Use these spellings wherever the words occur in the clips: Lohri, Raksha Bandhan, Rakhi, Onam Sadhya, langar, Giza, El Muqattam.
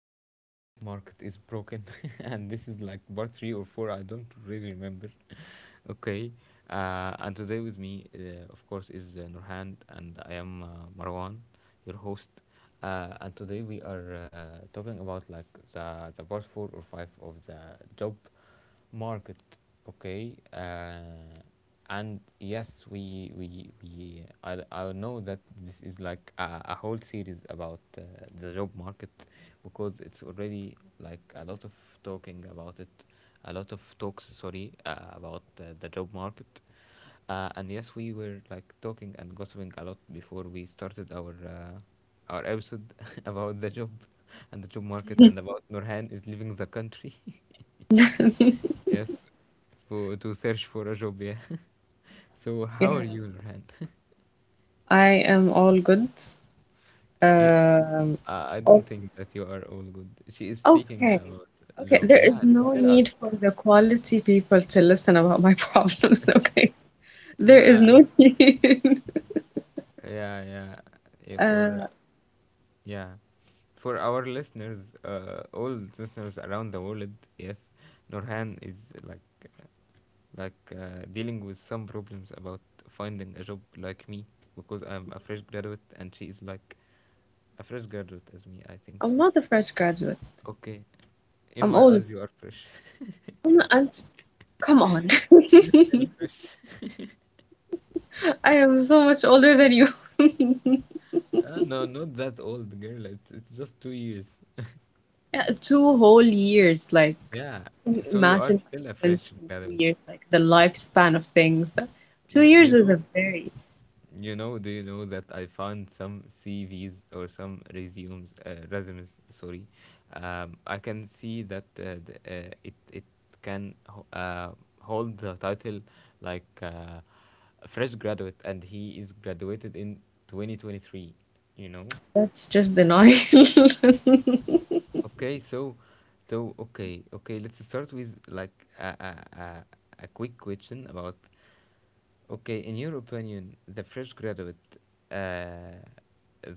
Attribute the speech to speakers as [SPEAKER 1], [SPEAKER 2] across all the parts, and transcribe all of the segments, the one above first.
[SPEAKER 1] to The Job Market is Broken. And this is like part three or four, I don't really remember. Okay, and today with me, of course, is Nurhan, and I am Marwan, your host. And today we are talking about like the part four or five of the job market. Okay, and yes, I know that this is like a whole series about the job market because it's already like a lot of talking about it, a lot of talks, sorry, about the job market. And yes, we were like talking and gossiping a lot before we started our episode about the job and the job market and about Nurhan is leaving the country. Yes, for to search for a job. Yeah. So how
[SPEAKER 2] Yeah,
[SPEAKER 1] are you, Nurhan?
[SPEAKER 2] I am all good.
[SPEAKER 1] You,
[SPEAKER 2] Um,
[SPEAKER 1] I don't
[SPEAKER 2] o-
[SPEAKER 1] think that you are all good. She is seeking
[SPEAKER 2] okay.
[SPEAKER 1] a lot
[SPEAKER 2] Okay,
[SPEAKER 1] job.
[SPEAKER 2] there is
[SPEAKER 1] Yeah,
[SPEAKER 2] no
[SPEAKER 1] tell us.
[SPEAKER 2] need for the quality people to listen about my problems, okay? There is
[SPEAKER 1] Yeah,
[SPEAKER 2] no need.
[SPEAKER 1] yeah, yeah. yeah for uh,
[SPEAKER 2] Uh,
[SPEAKER 1] yeah, for our listeners, all listeners around the world. Yes, Nurhan is like, dealing with some problems about finding a job like me because I'm a fresh graduate and she is like a fresh graduate as me, I think so.
[SPEAKER 2] I'm not a fresh graduate.
[SPEAKER 1] Okay. In
[SPEAKER 2] I'm
[SPEAKER 1] my
[SPEAKER 2] old.
[SPEAKER 1] eyes, you are fresh.
[SPEAKER 2] I'm not, I'm, Come on.
[SPEAKER 1] You still fresh.
[SPEAKER 2] I am so much older than you.
[SPEAKER 1] No, not that old, girl. It's just 2 years.
[SPEAKER 2] Yeah, two whole years, like,
[SPEAKER 1] Yeah.
[SPEAKER 2] can you
[SPEAKER 1] So you are
[SPEAKER 2] imagine
[SPEAKER 1] still
[SPEAKER 2] what
[SPEAKER 1] a
[SPEAKER 2] happens
[SPEAKER 1] fresh
[SPEAKER 2] in
[SPEAKER 1] graduate.
[SPEAKER 2] 2 years, like the lifespan of things. That two
[SPEAKER 1] You, you
[SPEAKER 2] years is a
[SPEAKER 1] know,
[SPEAKER 2] very
[SPEAKER 1] you know, do you know that I found some CVs or some resumes, sorry. I can see that it can hold the title like a fresh graduate and he is graduated in 2023, you know?
[SPEAKER 2] That's just denial.
[SPEAKER 1] Okay, so, so okay, okay. Let's start with like a a, a, a quick question about. Okay, in your opinion, uh,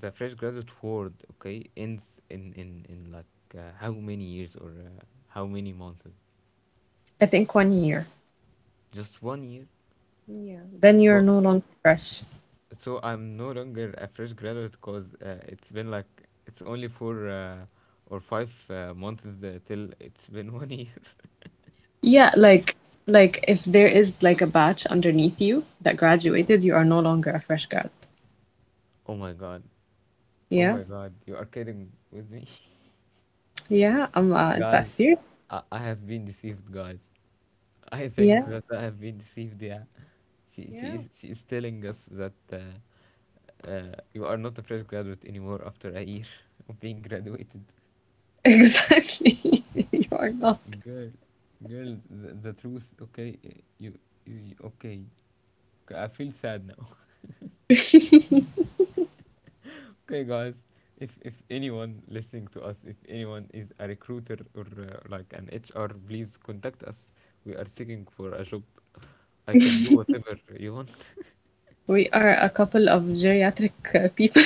[SPEAKER 1] the fresh graduate world, okay, ends in like how many years or how many months?
[SPEAKER 2] I think one year.
[SPEAKER 1] Just 1 year.
[SPEAKER 2] Yeah. Then you're
[SPEAKER 1] So
[SPEAKER 2] no longer fresh.
[SPEAKER 1] so I'm no longer a fresh graduate because it's been like it's only for or five months till it's been 1 year.
[SPEAKER 2] Yeah, like if there is like a batch underneath you that graduated, you are no longer a fresh grad.
[SPEAKER 1] Oh my god. Oh
[SPEAKER 2] Yeah.
[SPEAKER 1] my god, you are kidding with me.
[SPEAKER 2] Yeah. Is that
[SPEAKER 1] Guys,
[SPEAKER 2] serious?
[SPEAKER 1] I have been deceived, guys. I
[SPEAKER 2] Yeah.
[SPEAKER 1] think that I have been deceived, yeah. She, she,
[SPEAKER 2] Yeah.
[SPEAKER 1] is, she is telling us that you are not a fresh graduate anymore after a year of being graduated.
[SPEAKER 2] Exactly. You are not.
[SPEAKER 1] Girl, girl, the truth, okay, okay. K- I feel sad now. Okay, guys, if anyone listening to us, if anyone is a recruiter or like an HR, please contact us. We are seeking for a job. I can do whatever you want.
[SPEAKER 2] We are a couple of geriatric people.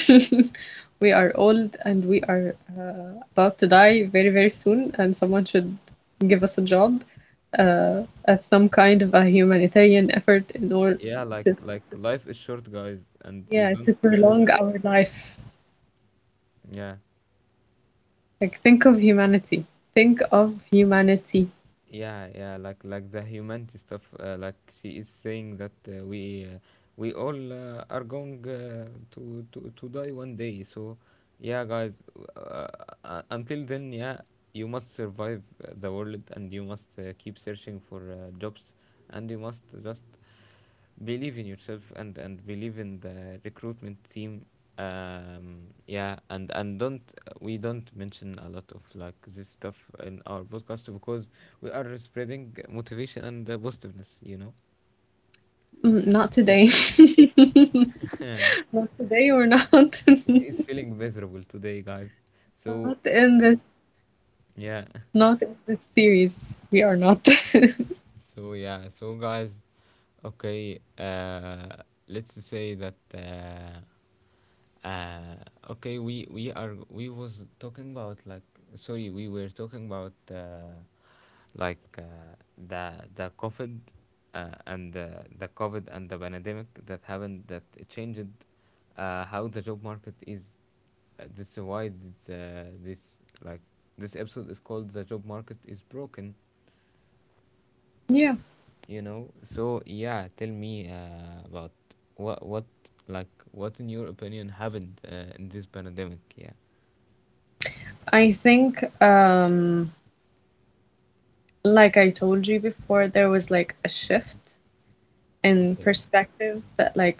[SPEAKER 2] We are old and we are about to die very, very soon, and someone should give us a job uh, as some kind of a humanitarian effort in order
[SPEAKER 1] Yeah,
[SPEAKER 2] to,
[SPEAKER 1] like life is short, guys, and you
[SPEAKER 2] yeah,
[SPEAKER 1] don't.
[SPEAKER 2] to prolong our life.
[SPEAKER 1] Yeah,
[SPEAKER 2] Like, think of humanity. Think of humanity.
[SPEAKER 1] yeah, yeah. Like the humanity stuff. Like she is saying that we all are going to die one day. So, yeah, guys. Uh, until then, yeah, you must survive the world, and you must keep searching for jobs, and you must just believe in yourself and believe in the recruitment team. Um, and don't, we don't mention a lot of like this stuff in our podcast because we are spreading motivation and positiveness,
[SPEAKER 2] Mm, not
[SPEAKER 1] so
[SPEAKER 2] today. Not today, we're not.
[SPEAKER 1] it's is feeling miserable today, guys.
[SPEAKER 2] Not
[SPEAKER 1] So
[SPEAKER 2] in this,
[SPEAKER 1] yeah.
[SPEAKER 2] Not in this series. We are not.
[SPEAKER 1] So yeah, so guys, okay, let's say that Uh, okay, we was talking about like, sorry, we were talking about like uh, the COVID, and the COVID and the pandemic that happened, that it changed how the job market is. This is why this episode is called The Job Market is Broken,
[SPEAKER 2] Yeah.
[SPEAKER 1] you know. So yeah, tell me about what like what, in your opinion, happened in this pandemic? Yeah.
[SPEAKER 2] I think, like I told you before, there was like a shift in
[SPEAKER 1] Okay.
[SPEAKER 2] perspective that, like,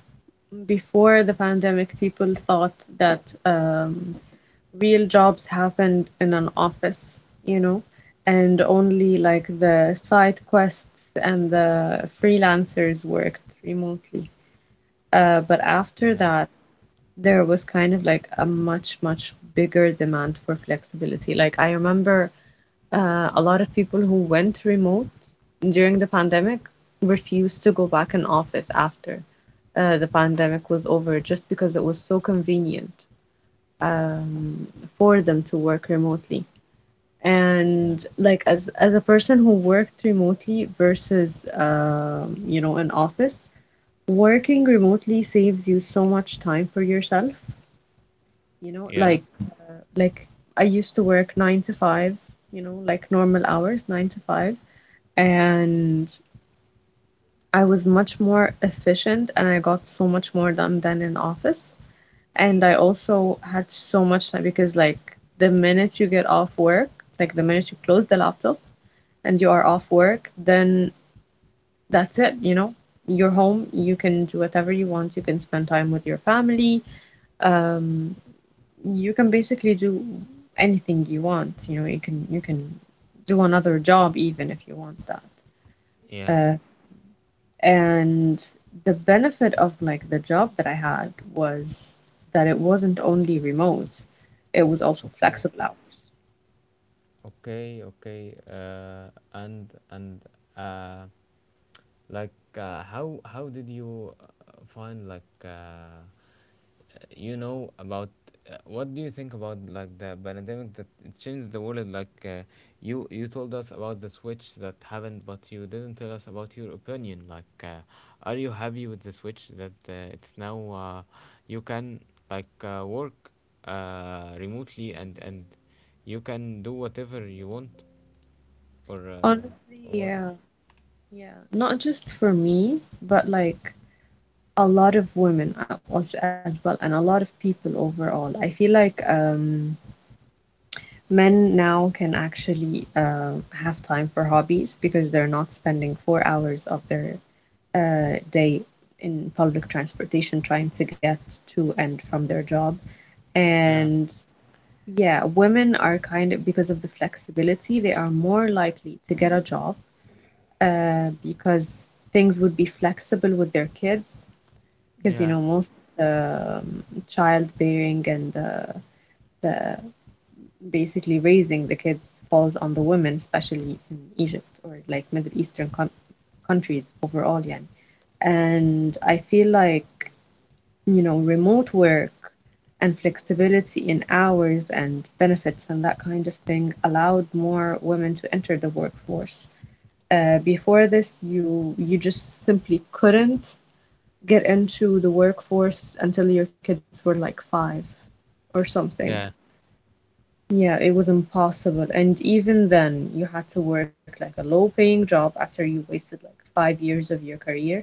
[SPEAKER 2] before the pandemic, people thought that real jobs happened in an office, and only like the side quests and the freelancers worked remotely. But after
[SPEAKER 1] Yeah.
[SPEAKER 2] that, there was kind of like a much, much bigger demand for flexibility. Like I remember a lot of people who went remote during the pandemic refused to go back in office after the pandemic was over just because it was so convenient um, for them to work remotely.
[SPEAKER 1] Yeah.
[SPEAKER 2] And like as a person who worked remotely versus you know in office, working remotely saves you so much time for yourself, you know,
[SPEAKER 1] Yeah,
[SPEAKER 2] like I used to work 9 to 5, you know, like normal hours, 9 to 5. And I was much more efficient and I got so much more done than in office. And I also had so much time because like the minute you get off work, like the minute you close the laptop and you are off work, then that's it. You're home, you can do whatever you want, you can spend time with your family, um you can basically do anything you want. You know, you can do another job even if you want that.
[SPEAKER 1] yeah.
[SPEAKER 2] Uh, and the benefit of like the job that I had was that it wasn't only remote, it was also
[SPEAKER 1] Okay.
[SPEAKER 2] flexible hours.
[SPEAKER 1] Okay. Okay. And uh, like, how did you find like about what do you think about like the pandemic that changed the world? Like, you you told us about the switch that happened, but you didn't tell us about your opinion. Like, are you happy with the switch that it's now you can like work remotely and you can do whatever you want, or uh,
[SPEAKER 2] Honestly,
[SPEAKER 1] or what?
[SPEAKER 2] yeah, yeah. Not just for me, but like a lot of women was as well, and a lot of people overall. I feel like men now can actually have time for hobbies because they're not spending 4 hours of their day in public transportation trying to get to and from their job.
[SPEAKER 1] Yeah.
[SPEAKER 2] And yeah, women are kind of, because of the flexibility, they are more likely to get a job because things would be flexible with their kids. Because,
[SPEAKER 1] Yeah,
[SPEAKER 2] most um, childbearing and the basically raising the kids falls on the women, especially in Egypt or like Middle Eastern countries overall. Yeah. And I feel like, you know, remote work and flexibility in hours and benefits and that kind of thing allowed more women to enter the workforce. Before this, you just simply couldn't get into the workforce until your kids were like five or something.
[SPEAKER 1] yeah.
[SPEAKER 2] Yeah, it was impossible. And even then, you had to work like a low-paying job after you wasted like 5 years of your career.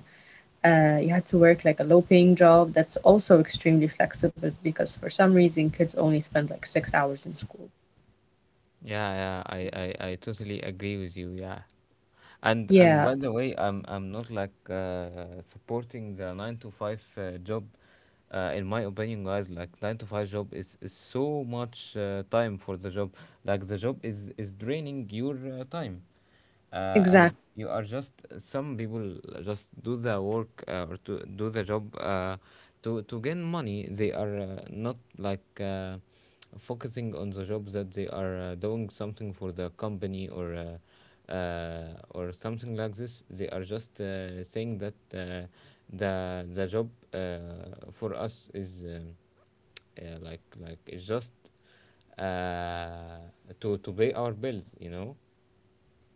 [SPEAKER 2] You had to work like a low-paying job that's also extremely flexible because for some reason, kids only spend like 6 hours in school.
[SPEAKER 1] Yeah, yeah, I totally agree with you. Yeah. And
[SPEAKER 2] Yeah,
[SPEAKER 1] by the way, I'm not like supporting the nine to five job. In my opinion, guys, like nine to five job is so much time for the job. Like the job is draining your time, and
[SPEAKER 2] exactly.
[SPEAKER 1] you are just some people just do the work or to do the job to gain money. They are not like. Focusing on the job that they are doing something for the company or something like this. They are just saying that the job for us is like it's just uh, to pay our bills, you know?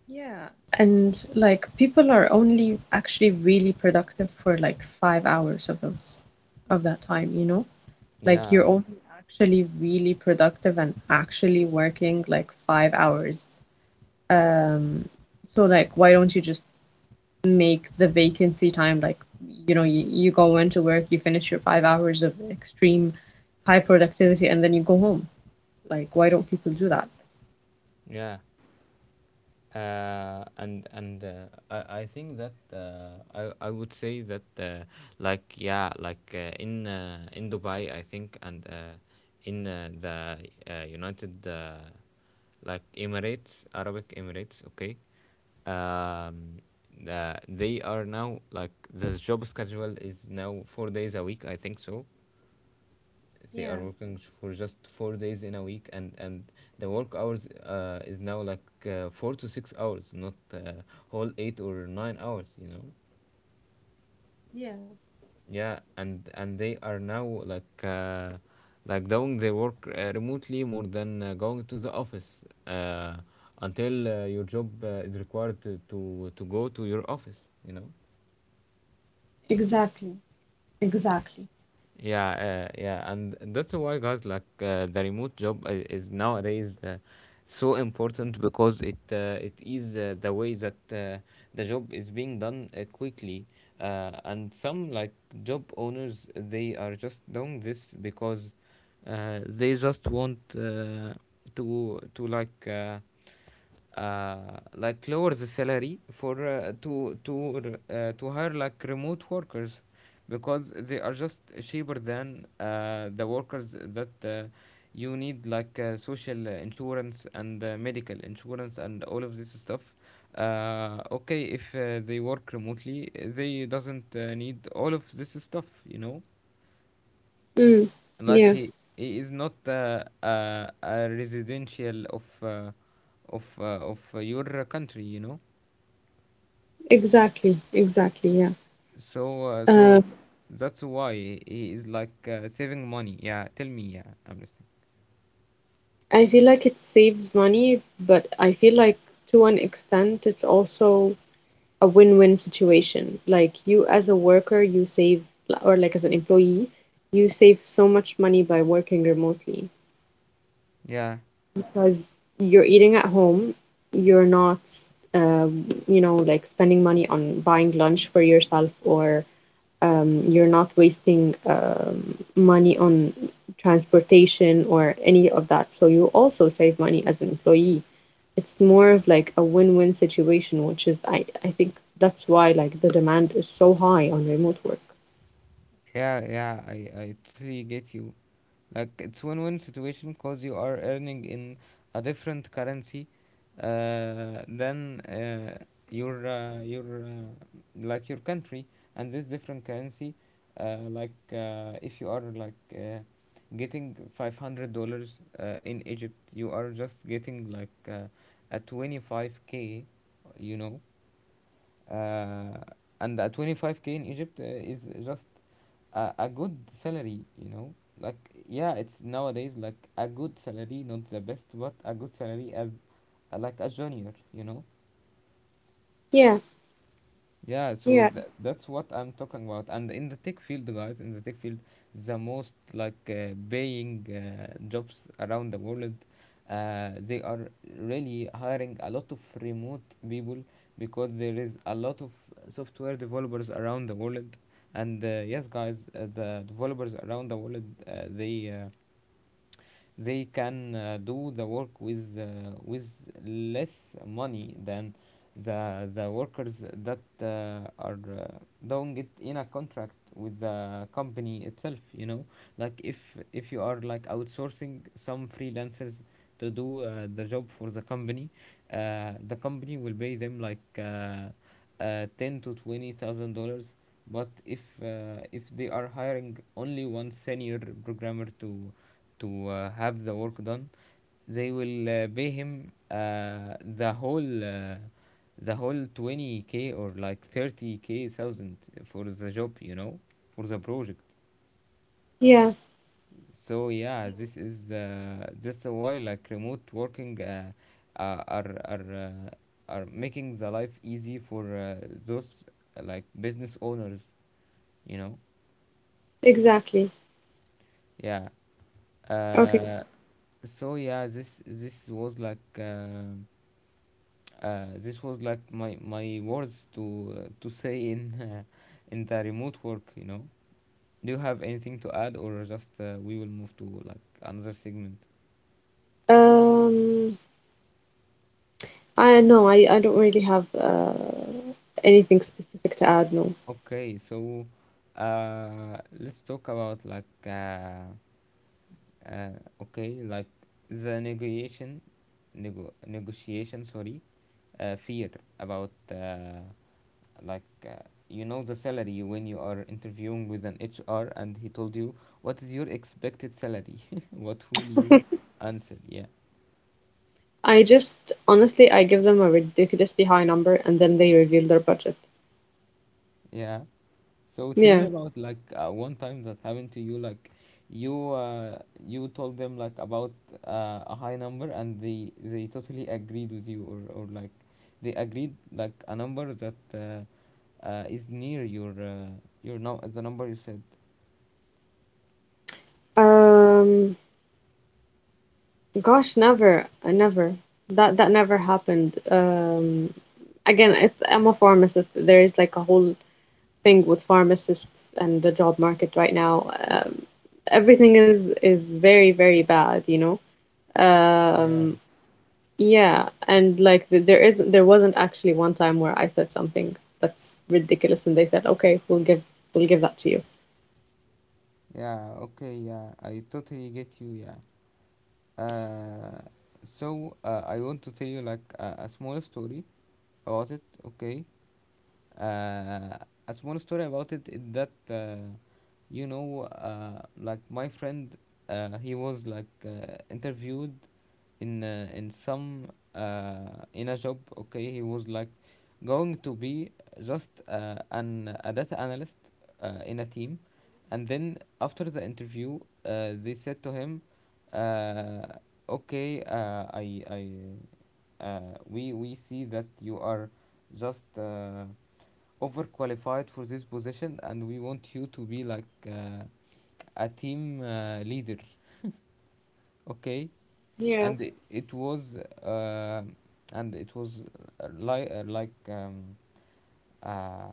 [SPEAKER 2] Yeah. And like people are only actually really productive for like 5 hours of those of that time, you know? Like you're
[SPEAKER 1] Yeah,
[SPEAKER 2] only actually really productive and actually working like 5 hours. Um, so like, why don't you just make the vacancy time like, you know, you go into work, you finish your 5 hours of extreme high productivity, and then you go home. Like, why don't people do that?
[SPEAKER 1] yeah. I think that I would say that in Dubai, I think, and in the United, like Emirates, Arabic Emirates, okay, um, they are now like this job schedule is now 4 days a week, I think so.
[SPEAKER 2] Yeah,
[SPEAKER 1] They are working for just 4 days in a week, and the work hours is now like 4 to 6 hours, not whole 8 or 9 hours, you know.
[SPEAKER 2] yeah,
[SPEAKER 1] Yeah, and they are now like uh, like doing their work remotely more than going to the office, uh, until your job is required to go to your office, you know.
[SPEAKER 2] exactly, exactly.
[SPEAKER 1] Yeah, yeah, and that's why, guys, like the remote job is nowadays so important because it is the way that the job is being done quickly, and some like job owners, they are just doing this because they just want to like. Uh, like lower the salary for to hire like remote workers because they are just cheaper than the workers that you need like social insurance and medical insurance and all of this stuff. Okay, if they work remotely, they doesn't need all of this stuff, you know.
[SPEAKER 2] Mm,
[SPEAKER 1] Like
[SPEAKER 2] yeah,
[SPEAKER 1] he is not a residential of of your country, you know.
[SPEAKER 2] exactly, exactly, yeah.
[SPEAKER 1] So so
[SPEAKER 2] Uh,
[SPEAKER 1] that's why he is like saving money. Yeah, tell me. Yeah, I'm listening.
[SPEAKER 2] I feel like it saves money, but I feel like to an extent it's also a win-win situation. Like you as a worker, you save, or like as an employee, you save so much money by working remotely
[SPEAKER 1] Yeah,
[SPEAKER 2] because you're eating at home, you're not, uh, like spending money on buying lunch for yourself or you're not wasting money on transportation or any of that. So you also save money as an employee. It's more of like a win-win situation, which is I think that's why like the demand is so high on remote work.
[SPEAKER 1] yeah, yeah, I totally get you. Like it's win-win situation because you are earning in a different currency than your like your country, and this different currency, if you are like getting $500 in Egypt, you are just getting like a 25 k, you know, uh, and 25k in Egypt is just a good salary, you know. Like yeah, it's nowadays like a good salary, not the best, but a good salary as like a junior, you know.
[SPEAKER 2] Yeah,
[SPEAKER 1] Yeah, so
[SPEAKER 2] yeah,
[SPEAKER 1] that's what I'm talking about. And in the tech field, guys, in the tech field, the most like paying jobs around the world, they are really hiring a lot of remote people because there is a lot of software developers around the world. And yes, guys, the developers around the world, uh, they uh, they can do the work with less money than the workers that are doing it in a contract with the company itself, you know. Like if you are like outsourcing some freelancers to do the job for the company, the company will pay them like 10 to 20 thousand dollars. But if they are hiring only one senior programmer to have the work done, they will pay him the whole uh, the whole 20k or like 30k thousand for the job, you know, for the project.
[SPEAKER 2] yeah,
[SPEAKER 1] So yeah, this is that's why like remote working uh, are are uh, are making the life easy for those like business owners, you know.
[SPEAKER 2] exactly.
[SPEAKER 1] Yeah.
[SPEAKER 2] Okay.
[SPEAKER 1] Uh, so yeah, this was like this was like my words to say in in the remote work, you know. Do you have anything to add, or just we will move to like another segment?
[SPEAKER 2] Um, I No, I don't really have anything specific to add, no.
[SPEAKER 1] Okay, so let's talk about like okay, like the negotiation, negotiation. Sorry, fear about like you know the salary when you are interviewing with an HR and he told you what is your expected salary? What will you answer? Yeah,
[SPEAKER 2] I just honestly I give them a ridiculously high number and then they reveal their budget.
[SPEAKER 1] yeah. So tell me
[SPEAKER 2] Yeah.
[SPEAKER 1] about like one time that happened to you. Like you told them like about a high number, and they totally agreed with you, or like they agreed like a number that is near your now the number you said.
[SPEAKER 2] Um, Gosh, never. That never happened. Again, I'm a pharmacist. There is like a whole thing with pharmacists and the job market right now. Everything is very, very bad, you know.
[SPEAKER 1] Yeah.
[SPEAKER 2] Um, yeah, and like th theres there isn't there wasn't actually one time where I said something that's ridiculous and they said, "Okay, we'll give that to you."
[SPEAKER 1] Yeah. Okay. Yeah, I totally get you. Yeah. Uh, so I want to tell you like a small story about it. Okay. Uh, a small story about it is that you know, like my friend, he was like interviewed in some in a job. Okay, he was like going to be just an a data analyst in a team, and then after the interview, they said to him, uh, "Okay, we, see that you are just overqualified for this position, and we want you to be like uh, a team leader." Okay,
[SPEAKER 2] Yeah.
[SPEAKER 1] and it was, uh, and it was li- like. Uh,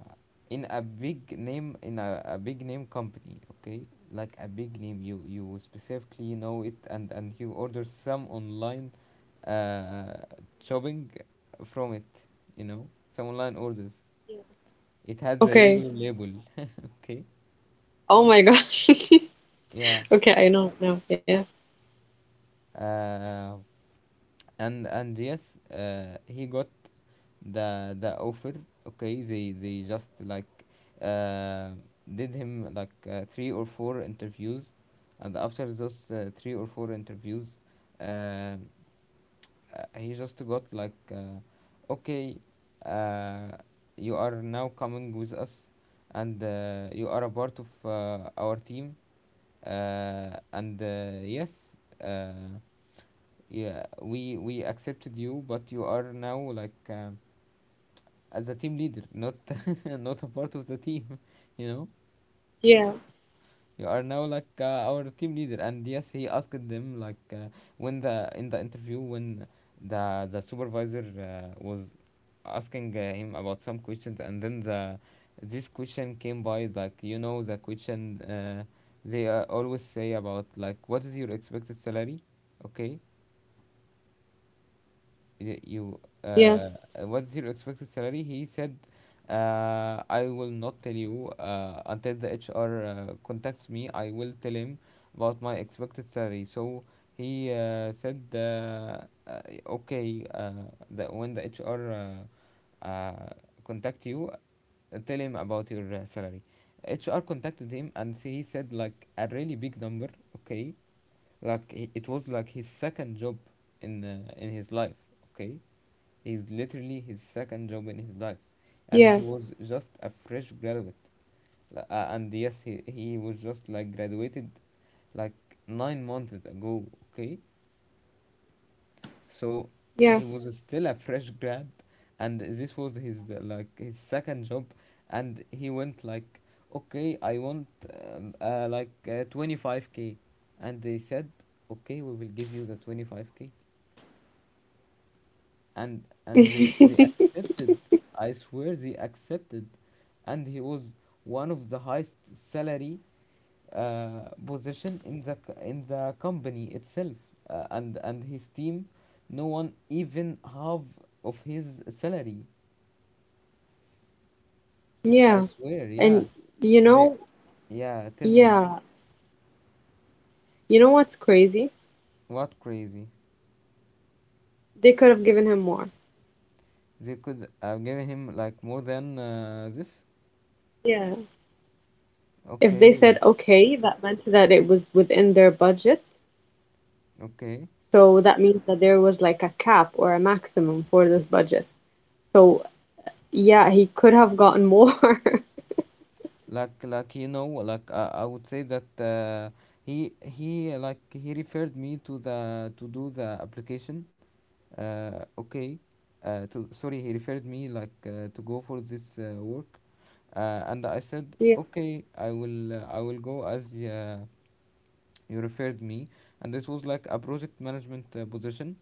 [SPEAKER 1] in a big name in a big name company. Okay, like a big name, you specifically know it, and you order some online uh, shopping from it, you know, some online orders. It had the
[SPEAKER 2] Okay.
[SPEAKER 1] yellow label. Okay,
[SPEAKER 2] Oh my gosh.
[SPEAKER 1] yeah.
[SPEAKER 2] Okay, I know now. Yeah.
[SPEAKER 1] uh, and yes, he got the offer. Okay, they just like uh, did him like three or four interviews, and after those three or four interviews, uh, uh, he just got like, okay, uh, you are now coming with us, and you are a part of our team, and yes, uh, yeah, we accepted you, but you are now like as a team leader, not not a part of the team. You know,
[SPEAKER 2] Yeah.
[SPEAKER 1] you are now like our team leader. And yes, he asked them like when the in the interview, when the supervisor was asking him about some questions, and then the this question came by like, you know, the question they always say about, like, what is your expected salary, okay? y-
[SPEAKER 2] Yeah.
[SPEAKER 1] you What's your expected salary? He said, I will not tell you until the HR contacts me. I will tell him about my expected salary. So he said, okay, that when the HR contact you, tell him about your salary. HR contacted him and he said like a really big number. Okay, like it was like his second job in his life. Okay, he's literally his
[SPEAKER 2] Yeah,
[SPEAKER 1] second job in his life, and he was just a fresh graduate. And yes, he was just like graduated like 9 months ago, okay?
[SPEAKER 2] yeah.
[SPEAKER 1] So he was still a fresh grad, and this was his like his second job, and he went like, okay, I want like 25k, and they said, okay, we will give you the 25k, and they accepted. I swear, they accepted, and he was one of the highest salary position in in the company itself. And his team, no one even half of his salary,
[SPEAKER 2] Yeah.
[SPEAKER 1] I swear. Yeah,
[SPEAKER 2] And you
[SPEAKER 1] they
[SPEAKER 2] know,
[SPEAKER 1] yeah, tell me.
[SPEAKER 2] yeah. You know what's crazy?
[SPEAKER 1] What crazy?
[SPEAKER 2] They could have given him more.
[SPEAKER 1] They could have given him like more than this,
[SPEAKER 2] Yeah. If
[SPEAKER 1] okay?
[SPEAKER 2] they said
[SPEAKER 1] Like,
[SPEAKER 2] okay, that meant that it was within their budget.
[SPEAKER 1] okay,
[SPEAKER 2] So that means that there was like a cap or a maximum for this budget. So yeah, he could have gotten more.
[SPEAKER 1] like, you know, like, I would say that he referred me to the, to do the application. Okay. To, sorry, he referred me like to go for this work, and I said,
[SPEAKER 2] Yeah.
[SPEAKER 1] okay, I will go as you referred me, and it was like a project management position,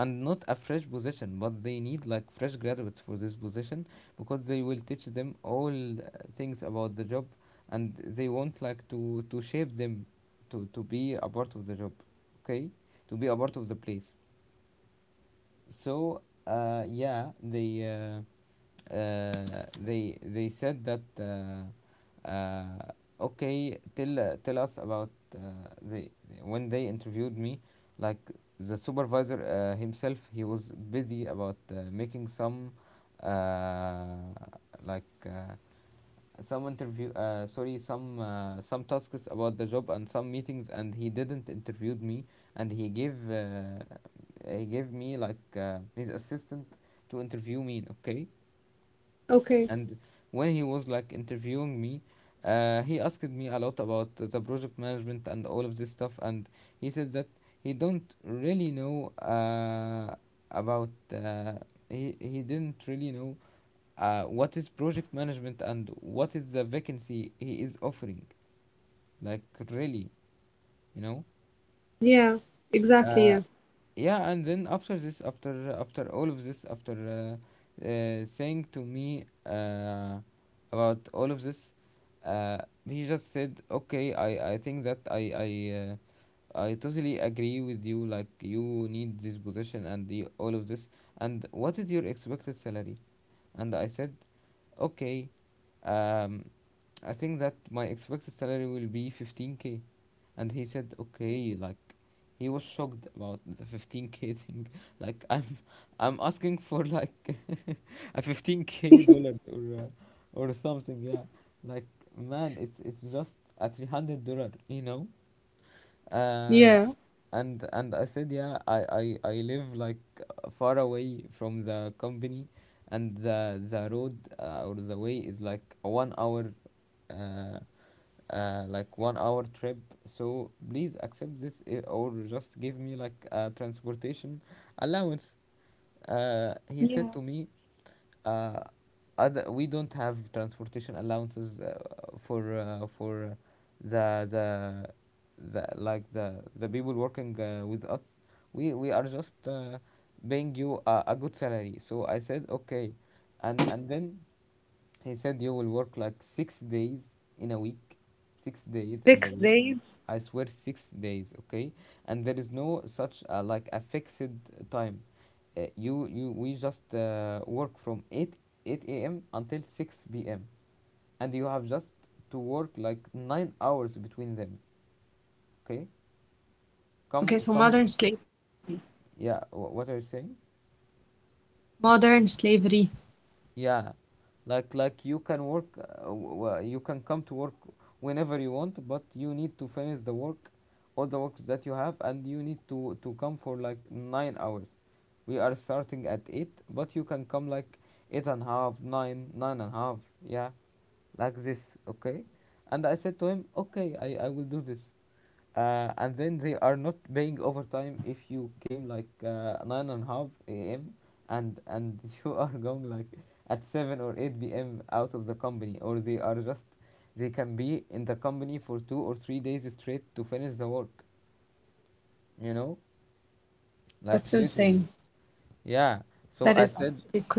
[SPEAKER 1] and not a fresh position, but they need like fresh graduates for this position because they will teach them all things about the job, and they want like to shape them to be a part of the job, okay, to be a part of the place. So yeah, they said that, okay, tell us about they when they interviewed me, like the supervisor himself, he was busy about making some uh, like some interview sorry some tasks about the job and some meetings, and he didn't interviewed me, and he gave me like his assistant to interview me, okay.
[SPEAKER 2] Okay.
[SPEAKER 1] And when he was like interviewing me, he asked me a lot about the project management and all of this stuff, and he said that he don't really know about uh, he didn't really know what is project management and what is the vacancy he is offering. Like, really, you know.
[SPEAKER 2] Yeah. Exactly.
[SPEAKER 1] Uh,
[SPEAKER 2] Yeah.
[SPEAKER 1] yeah, and then after this, after all of this, after saying to me about all of this, uh, he just said, okay, I think that I totally agree with you. Like, you need this position and all of this. And what is your expected salary? And I said, okay, um, I think that my expected salary will be 15k. And he said, okay, like he was shocked about the 15k thing. Like, I'm asking for like a 15k dollar or something. Yeah, like, man, it's just a $300. You know. Uh,
[SPEAKER 2] Yeah.
[SPEAKER 1] and I said, yeah, I live like far away from the company, and the road or the way is like a 1 hour uh, 1 hour trip. So please accept this, or just give me like a transportation allowance. He
[SPEAKER 2] Yeah.
[SPEAKER 1] said to me, uh, other, we don't have transportation allowances for the the the like the people working with us. We are just paying you a good salary. So I said, okay, and then he said, you will work like 6 days in a week, 6 days in
[SPEAKER 2] Six
[SPEAKER 1] the week.
[SPEAKER 2] days
[SPEAKER 1] I swear, 6 days, okay? And there is no such like a fixed time. You you we just work from eight a.m. until six p.m., and you have just to work like 9 hours between them. Okay, come come, yeah. What are you saying?
[SPEAKER 2] modern slavery.
[SPEAKER 1] Yeah, like, you can work, you can come to work whenever you want, but you need to finish the work, all the works that you have, and you need to come for like 9 hours. We are starting at eight, but you can come like eight and a half, nine, nine and a half. Yeah, like this. Okay. And I said to him, okay, I will do this. And then they are not paying overtime if you came like 9 and a half a.m. And you are going like at 7 or 8 p.m. out of the company, or they are just, they can be in the company for 2 or 3 days straight to finish the work, you know,
[SPEAKER 2] That's
[SPEAKER 1] like,
[SPEAKER 2] insane.
[SPEAKER 1] literally. Yeah.
[SPEAKER 2] That is
[SPEAKER 1] So I
[SPEAKER 2] actually
[SPEAKER 1] said,
[SPEAKER 2] crazy.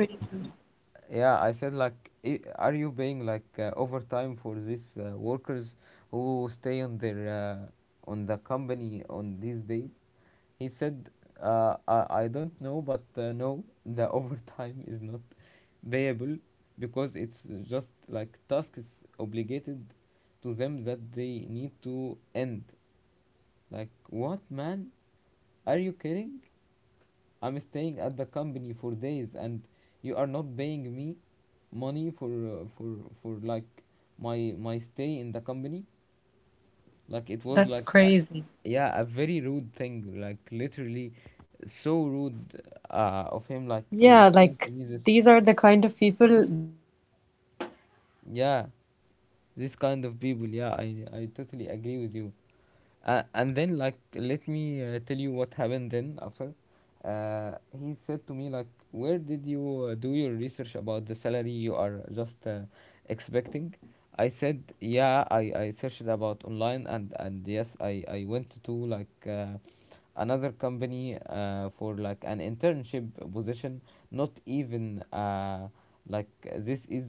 [SPEAKER 1] yeah, I said like, are you paying like overtime for these workers who stay on their on the company on these days? He said, I don't know, but no, the overtime is not payable because it's just like tasks obligated to them that they need to end. Like, what, man? Are you kidding? I'm staying at the company for days, and you are not paying me money for like my stay in the company. Like, it
[SPEAKER 2] That's
[SPEAKER 1] was like
[SPEAKER 2] crazy.
[SPEAKER 1] yeah, a very rude thing. Like, literally, so rude of him. Like,
[SPEAKER 2] Yeah,
[SPEAKER 1] he's
[SPEAKER 2] like
[SPEAKER 1] saying to me this.
[SPEAKER 2] these are the kind of people that if you get sick, you'll get fired.
[SPEAKER 1] Yeah, this kind of people. Yeah, I totally agree with you. And then like, let me tell you what happened then after. He said to me like, where did you do your research about the salary you are just expecting? I said, yeah, I searched about online, and yes, I went to like. Another company for like an internship position, not even this is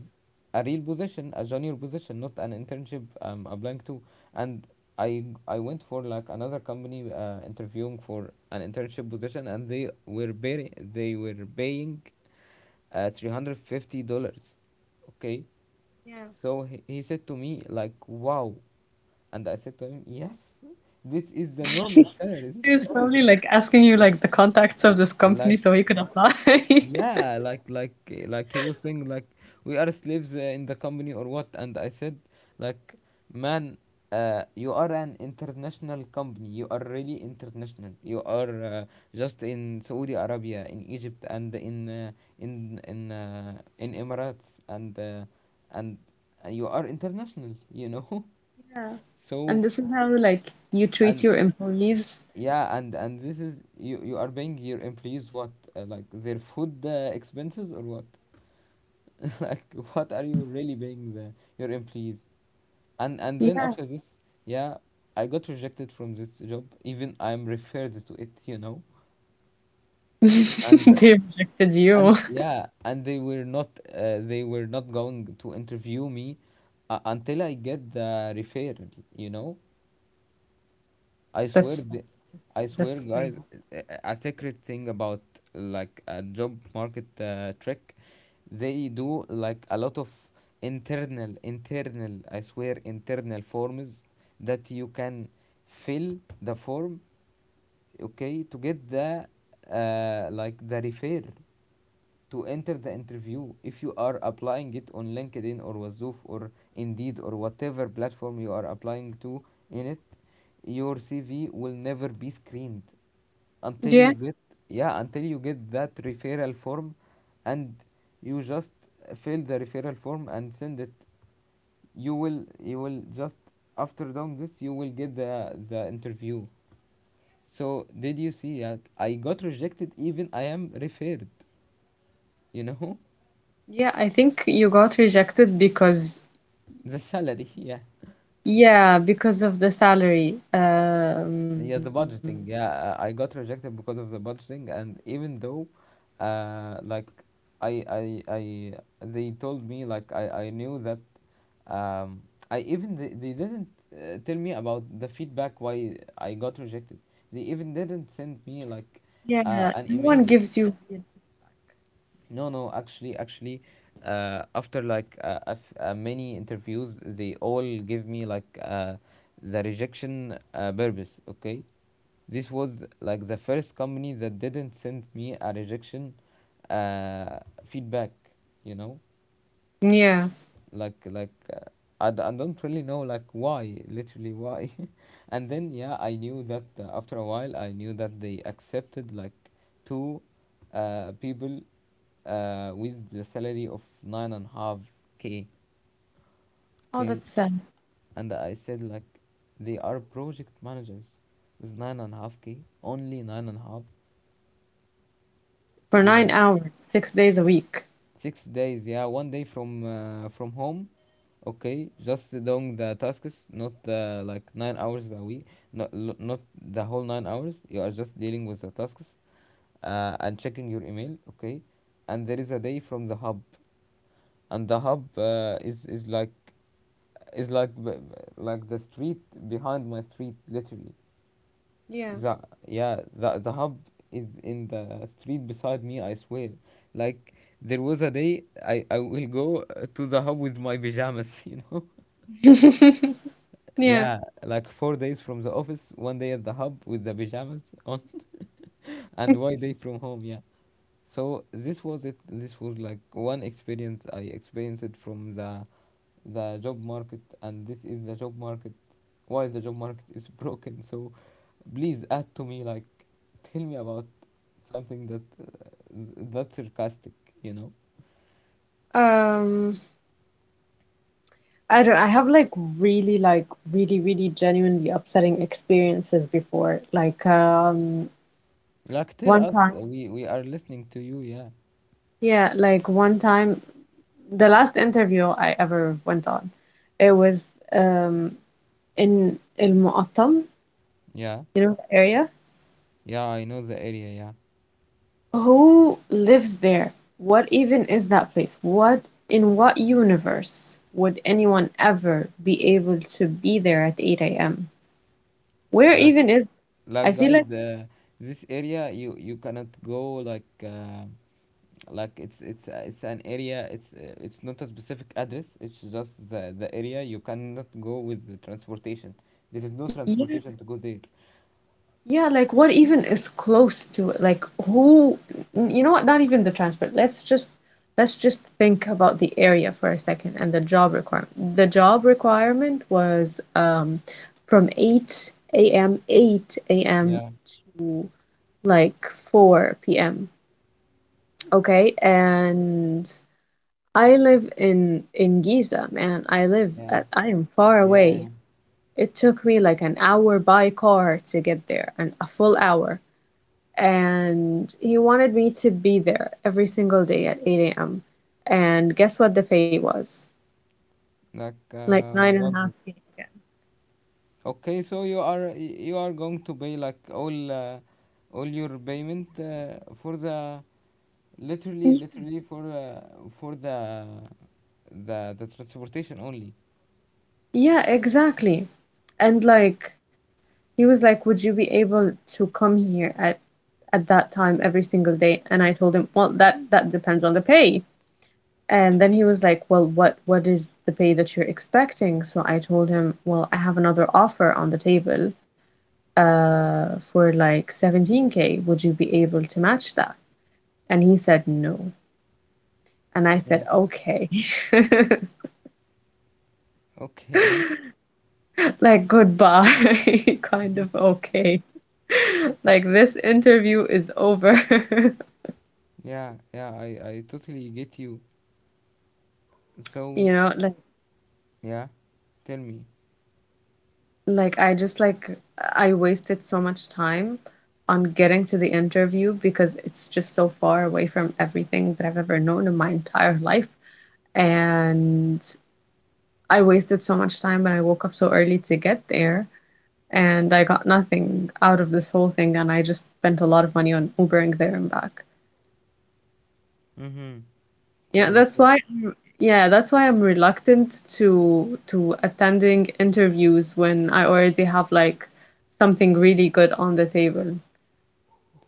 [SPEAKER 1] a real position, a junior position, not an internship. Applying to, and I went for like another company interviewing for an internship position, and they were they were paying $350. Okay,
[SPEAKER 2] Yeah.
[SPEAKER 1] so he said to me like, "Wow," and I said to him, "Yes, this is the
[SPEAKER 2] He
[SPEAKER 1] normal salaries."
[SPEAKER 2] was probably like asking you like the contacts of this company
[SPEAKER 1] like
[SPEAKER 2] so he could apply.
[SPEAKER 1] Yeah, like like he was saying like we are slaves in the company or what? And I said like, man, you are an international company. You are really international. You are just in Saudi Arabia, in Egypt, and in in Emirates, and you are international.
[SPEAKER 2] Yeah.
[SPEAKER 1] So
[SPEAKER 2] And this is how like you treat
[SPEAKER 1] and
[SPEAKER 2] your employees.
[SPEAKER 1] yeah, and this is you are paying your employees what like their food expenses or what? like what are you really paying your employees and then
[SPEAKER 2] Yeah.
[SPEAKER 1] after this yeah I got rejected from this job even I'm referred to it. and
[SPEAKER 2] They rejected you.
[SPEAKER 1] and yeah, and they were not going to interview me until I get the referral. I swear,
[SPEAKER 2] That's that's just-
[SPEAKER 1] I swear,
[SPEAKER 2] that's
[SPEAKER 1] guys,
[SPEAKER 2] crazy.
[SPEAKER 1] a secret thing about like a job market trick. They do like a lot of I swear, internal forms that you can fill the form, okay, to get the like the refer to enter the interview. If you are applying it on LinkedIn or Wazoof or Indeed or whatever platform you are applying to in it, your CV will never be screened until you
[SPEAKER 2] Yeah.
[SPEAKER 1] get yeah until you get that referral form, and you just fill the referral form and send it. You will just after doing this you will get the interview. So did you see that I got rejected even I am referred you know
[SPEAKER 2] Yeah, I think you got rejected because
[SPEAKER 1] The salary, yeah.
[SPEAKER 2] yeah, because of the salary.
[SPEAKER 1] Yeah, the budgeting. Yeah, I got rejected because of the budgeting, and even though, like, I, I, I, they told me like I knew that, um, I even they didn't tell me about the feedback why I got rejected. They even didn't send me
[SPEAKER 2] Yeah.
[SPEAKER 1] like,
[SPEAKER 2] No one
[SPEAKER 1] an
[SPEAKER 2] gives you.
[SPEAKER 1] email. No, no, actually, after like many interviews, they all give me like the rejection purpose. Okay, this was like the first company that didn't send me a rejection uh, feedback. You know,
[SPEAKER 2] Yeah.
[SPEAKER 1] like like uh, I don't really know like why, literally why. And then yeah, I knew that after a while I knew that they accepted like two people with the salary of nine and a half k,
[SPEAKER 2] Oh,
[SPEAKER 1] okay.
[SPEAKER 2] that's sad.
[SPEAKER 1] And I said like, they are project managers with nine and a half k, only nine and a half
[SPEAKER 2] For
[SPEAKER 1] you
[SPEAKER 2] nine
[SPEAKER 1] know
[SPEAKER 2] hours, 6 days a week.
[SPEAKER 1] 6 days, yeah, 1 day from home. Okay, just doing the tasks, not like 9 hours a week, not the whole 9 hours. You are just dealing with the tasks and checking your email. Okay, and there is a day from the hub, and the hub is like like the street behind my street, literally.
[SPEAKER 2] Yeah.
[SPEAKER 1] The yeah, the hub is in the street beside me. I swear. Like there was a day I will go to the hub with my pajamas. You know.
[SPEAKER 2] Yeah.
[SPEAKER 1] Yeah, like 4 days from the office, 1 day at the hub with the pajamas on, and 1 day from home. Yeah. So this was it. This was like one experience I experienced it from the job market, and this is the job market. Why the job market is broken? So please add to me like, tell me about something that that's sarcastic, you know.
[SPEAKER 2] Um, I don't, I have like really really genuinely upsetting experiences before. Like
[SPEAKER 1] Like tell
[SPEAKER 2] one
[SPEAKER 1] us,
[SPEAKER 2] time,
[SPEAKER 1] we are listening to you. Yeah,
[SPEAKER 2] yeah, like one time the last interview I ever went on, it was in El Muqattam,
[SPEAKER 1] yeah,
[SPEAKER 2] you know, the area.
[SPEAKER 1] yeah. I know the area. Yeah,
[SPEAKER 2] Who lives there? What even is that place? What in what universe would anyone ever be able to be there at 8 a.m.? Where
[SPEAKER 1] like
[SPEAKER 2] even is I
[SPEAKER 1] like
[SPEAKER 2] feel
[SPEAKER 1] guys,
[SPEAKER 2] like
[SPEAKER 1] this area you you cannot go like it's an area. It's not a specific address. It's just the area. You cannot go with the transportation. There is no
[SPEAKER 2] Yeah,
[SPEAKER 1] transportation to go there.
[SPEAKER 2] yeah, like what even is close to it? Like who you know what? Not even the transport. Let's just think about the area for a second and the job requirement. The job requirement was from 8 a.m.
[SPEAKER 1] Yeah,
[SPEAKER 2] Like 4 p.m. Okay, and I live in Giza, man.
[SPEAKER 1] yeah,
[SPEAKER 2] I am far
[SPEAKER 1] yeah. yeah.
[SPEAKER 2] away. It took me like an hour by car to get there, and a full hour. And he wanted me to be there every single day at 8 a.m. And guess what the pay was?
[SPEAKER 1] Like
[SPEAKER 2] Like nine and a
[SPEAKER 1] what?
[SPEAKER 2] half K again.
[SPEAKER 1] Okay, so you are going to pay like all your payment for the literally
[SPEAKER 2] Y-
[SPEAKER 1] literally for the transportation only.
[SPEAKER 2] Yeah, exactly. And like he was like, "Would you be able to come here at that time every single day." And I told him, well, that depends on the pay. And then he was like, well, what is the pay that you're expecting? So I told him, well, I have another offer on the table for like 17k. Would you be able to match that? And he said no. And I said,
[SPEAKER 1] Yeah.
[SPEAKER 2] okay,
[SPEAKER 1] Okay.
[SPEAKER 2] like goodbye, kind of okay. Like this interview is over,
[SPEAKER 1] Yeah, I totally get you.
[SPEAKER 2] you
[SPEAKER 1] So,
[SPEAKER 2] know, like.
[SPEAKER 1] yeah, tell me.
[SPEAKER 2] Like I just like I wasted so much time on getting to the interview because it's just so far away from everything that I've ever known in my entire life. And I wasted so much time and I woke up so early to get there and I got nothing out of this whole thing and I just spent a lot of money on Ubering there and back.
[SPEAKER 1] Mm-hmm.
[SPEAKER 2] Yeah,
[SPEAKER 1] So,
[SPEAKER 2] that's
[SPEAKER 1] so
[SPEAKER 2] why I'm, yeah, that's why I'm reluctant to attending interviews when I already have like something really good on the table.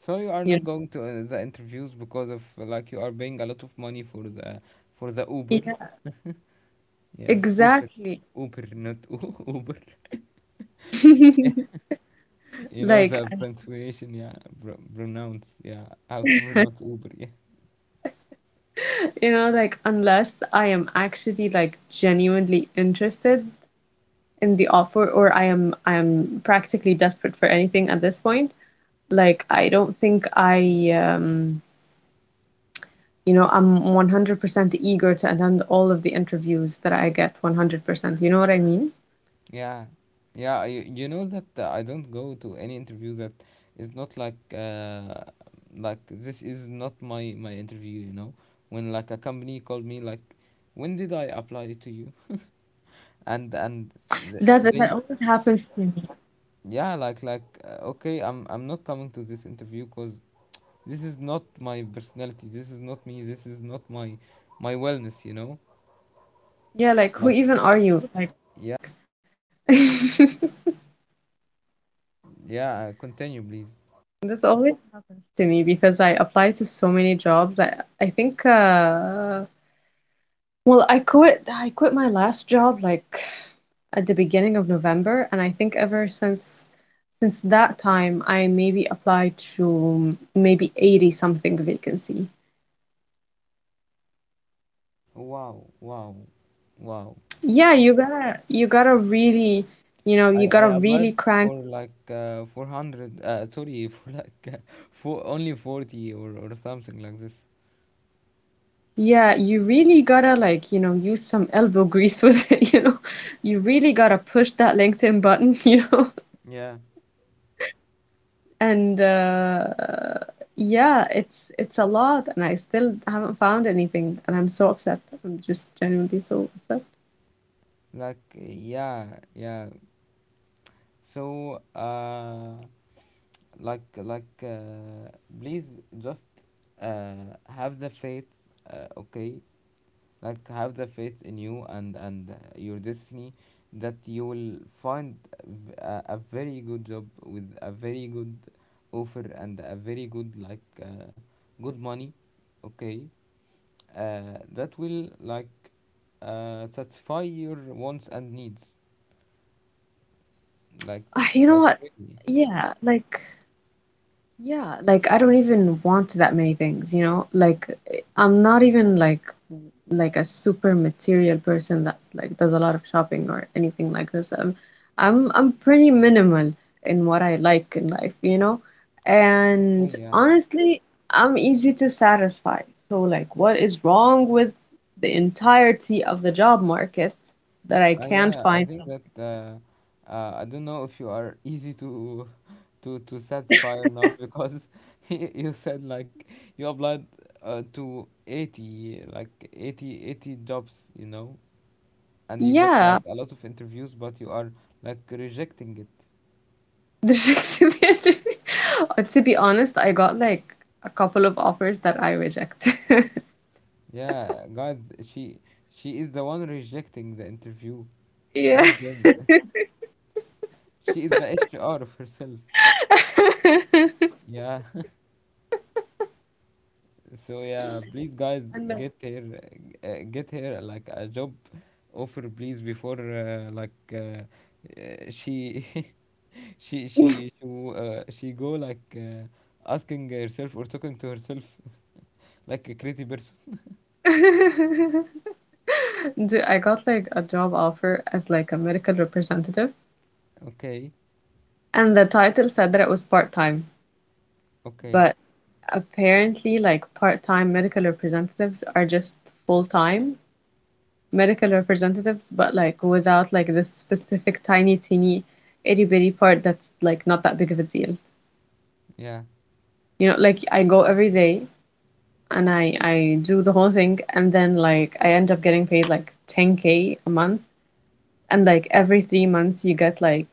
[SPEAKER 1] so you are
[SPEAKER 2] You
[SPEAKER 1] not going to the interviews because of like you are paying a lot of money for the Uber.
[SPEAKER 2] Yeah,
[SPEAKER 1] Yeah, Uber,
[SPEAKER 2] exactly.
[SPEAKER 1] Uber, not Uber. You know
[SPEAKER 2] Like,
[SPEAKER 1] the pronunciation, yeah, pronounce, yeah, how to pronounce Uber,
[SPEAKER 2] unless I am actually like genuinely interested in the offer or I am practically desperate for anything at this point, like I don't think I'm 100% eager to attend all of the interviews that I get 100%. You know what I mean?
[SPEAKER 1] yeah, yeah. You know that I don't go to any interview that is not like like this is not my my interview. You know, when like a company called me like, when did I apply to you? And th-
[SPEAKER 2] That
[SPEAKER 1] they
[SPEAKER 2] always happens to me.
[SPEAKER 1] yeah, like okay, I'm not coming to this interview because this is not my personality. This is not me. This is not my my wellness. You know, like.
[SPEAKER 2] Yeah, like who even are you? Like
[SPEAKER 1] Yeah, continue, please.
[SPEAKER 2] This always happens to me because I apply to so many jobs. I think well I quit my last job like at the beginning of November, and I think ever since that time I maybe applied to maybe 80 something vacancy.
[SPEAKER 1] Wow, wow, wow.
[SPEAKER 2] Yeah, you gotta really you
[SPEAKER 1] I
[SPEAKER 2] gotta
[SPEAKER 1] applied
[SPEAKER 2] really crank.
[SPEAKER 1] for like 400, sorry, for like for only 40 or something like this.
[SPEAKER 2] Yeah, you really gotta like, you know, use some elbow grease with it, you know. You really gotta push that LinkedIn button, you know.
[SPEAKER 1] Yeah,
[SPEAKER 2] And Yeah, it's a lot, and I still haven't found anything, and I'm so upset. I'm just genuinely so upset.
[SPEAKER 1] like, yeah. So, please just have the faith, okay? Like have the faith in you and your destiny that you will find a very good job with a very good offer and a very good like good money, okay, that will like satisfy your wants and needs like
[SPEAKER 2] Ah, you know
[SPEAKER 1] like
[SPEAKER 2] what?
[SPEAKER 1] really,
[SPEAKER 2] Yeah, like yeah, like I don't even want that many things, you know? Like I'm not even like a super material person that like does a lot of shopping or anything like this. I'm pretty minimal in what I like in life, you know?
[SPEAKER 1] okay,
[SPEAKER 2] And
[SPEAKER 1] yeah.
[SPEAKER 2] honestly, I'm easy to satisfy. So like what is wrong with the entirety of the job market that I can't
[SPEAKER 1] Yeah, I
[SPEAKER 2] find
[SPEAKER 1] think
[SPEAKER 2] some?
[SPEAKER 1] that I don't know if you are easy to to satisfy or not, because you said like you applied to 80, like 80 80 jobs, you know, and you got like
[SPEAKER 2] Yeah.
[SPEAKER 1] a lot of interviews, but you are like rejecting it.
[SPEAKER 2] The Shakespeare. To be honest, I got like a couple of offers that I rejected.
[SPEAKER 1] Yeah, guys, she is the one rejecting the interview,
[SPEAKER 2] Yeah.
[SPEAKER 1] not them. She is the HR of herself. Yeah. So yeah, please guys
[SPEAKER 2] And like
[SPEAKER 1] get her get her like a job offer please before she she she she she go like asking herself or talking to herself like a crazy person.
[SPEAKER 2] dude, I got like a job offer as like a medical representative,
[SPEAKER 1] Okay,
[SPEAKER 2] and the title said that it was part-time,
[SPEAKER 1] okay,
[SPEAKER 2] but apparently like part-time medical representatives are just full-time medical representatives, but like without like this specific tiny teeny itty bitty part that's like not that big of a deal.
[SPEAKER 1] yeah.
[SPEAKER 2] You know, like I go every day and I do the whole thing, and then like I end up getting paid like 10K a month, and like every 3 months you get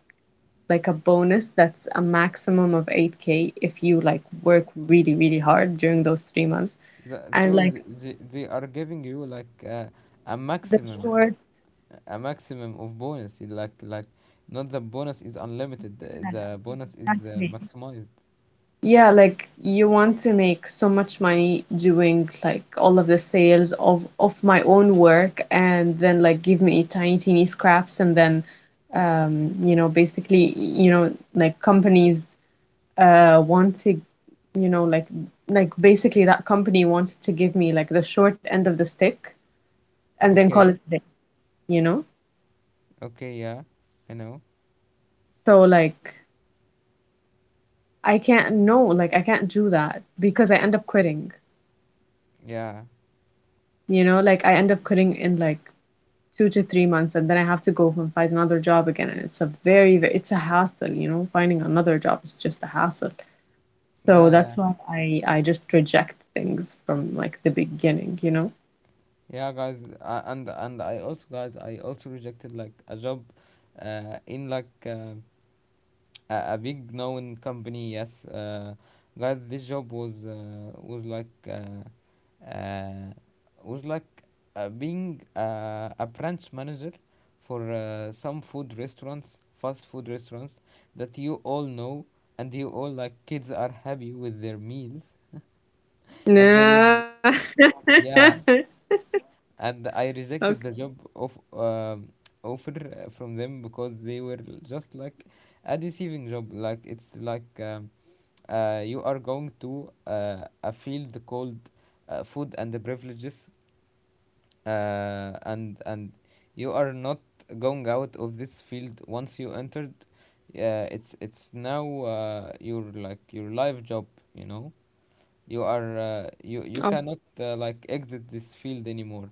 [SPEAKER 2] like a bonus that's a maximum of 8K if you like work really, really hard during those 3 months. And
[SPEAKER 1] So
[SPEAKER 2] like,
[SPEAKER 1] they are giving you like a
[SPEAKER 2] the
[SPEAKER 1] maximum,
[SPEAKER 2] short,
[SPEAKER 1] a maximum of bonus, like not the bonus is unlimited,
[SPEAKER 2] yeah,
[SPEAKER 1] the bonus is
[SPEAKER 2] exactly.
[SPEAKER 1] maximized.
[SPEAKER 2] Yeah, like you want to make so much money doing like all of the sales of my own work and then like give me tiny, teeny scraps and then you know, basically, you know, like companies want to you know like basically that company wanted to give me like the short end of the stick and then call
[SPEAKER 1] Okay.
[SPEAKER 2] it a day, you know?
[SPEAKER 1] Okay, yeah, I know.
[SPEAKER 2] So like I can't no, like I can't do that because I end up quitting,
[SPEAKER 1] Yeah,
[SPEAKER 2] you know? Like I end up quitting in like 2 to 3 months, and then I have to go and find another job again, and it's a very, very it's a hassle, you know? Finding another job is just a hassle.
[SPEAKER 1] yeah,
[SPEAKER 2] So that's
[SPEAKER 1] yeah,
[SPEAKER 2] why I just reject things from like the beginning, you know?
[SPEAKER 1] yeah, guys. And I also, guys, I also rejected like a job, in like a big known company. Yes, guys, this job was uh, was like being a branch manager for some food restaurants, fast food restaurants that you all know, and you all like kids are happy with their meals and
[SPEAKER 2] Nah.
[SPEAKER 1] then it, yeah, and I
[SPEAKER 2] Okay.
[SPEAKER 1] rejected the job of um, offer from them, because they were just like a deceiving job, like it's like you are going to a field called food and the privileges, and you are not going out of this field once you entered. It's now your like your life job, you know. You are
[SPEAKER 2] Oh,
[SPEAKER 1] you you cannot like exit this field anymore.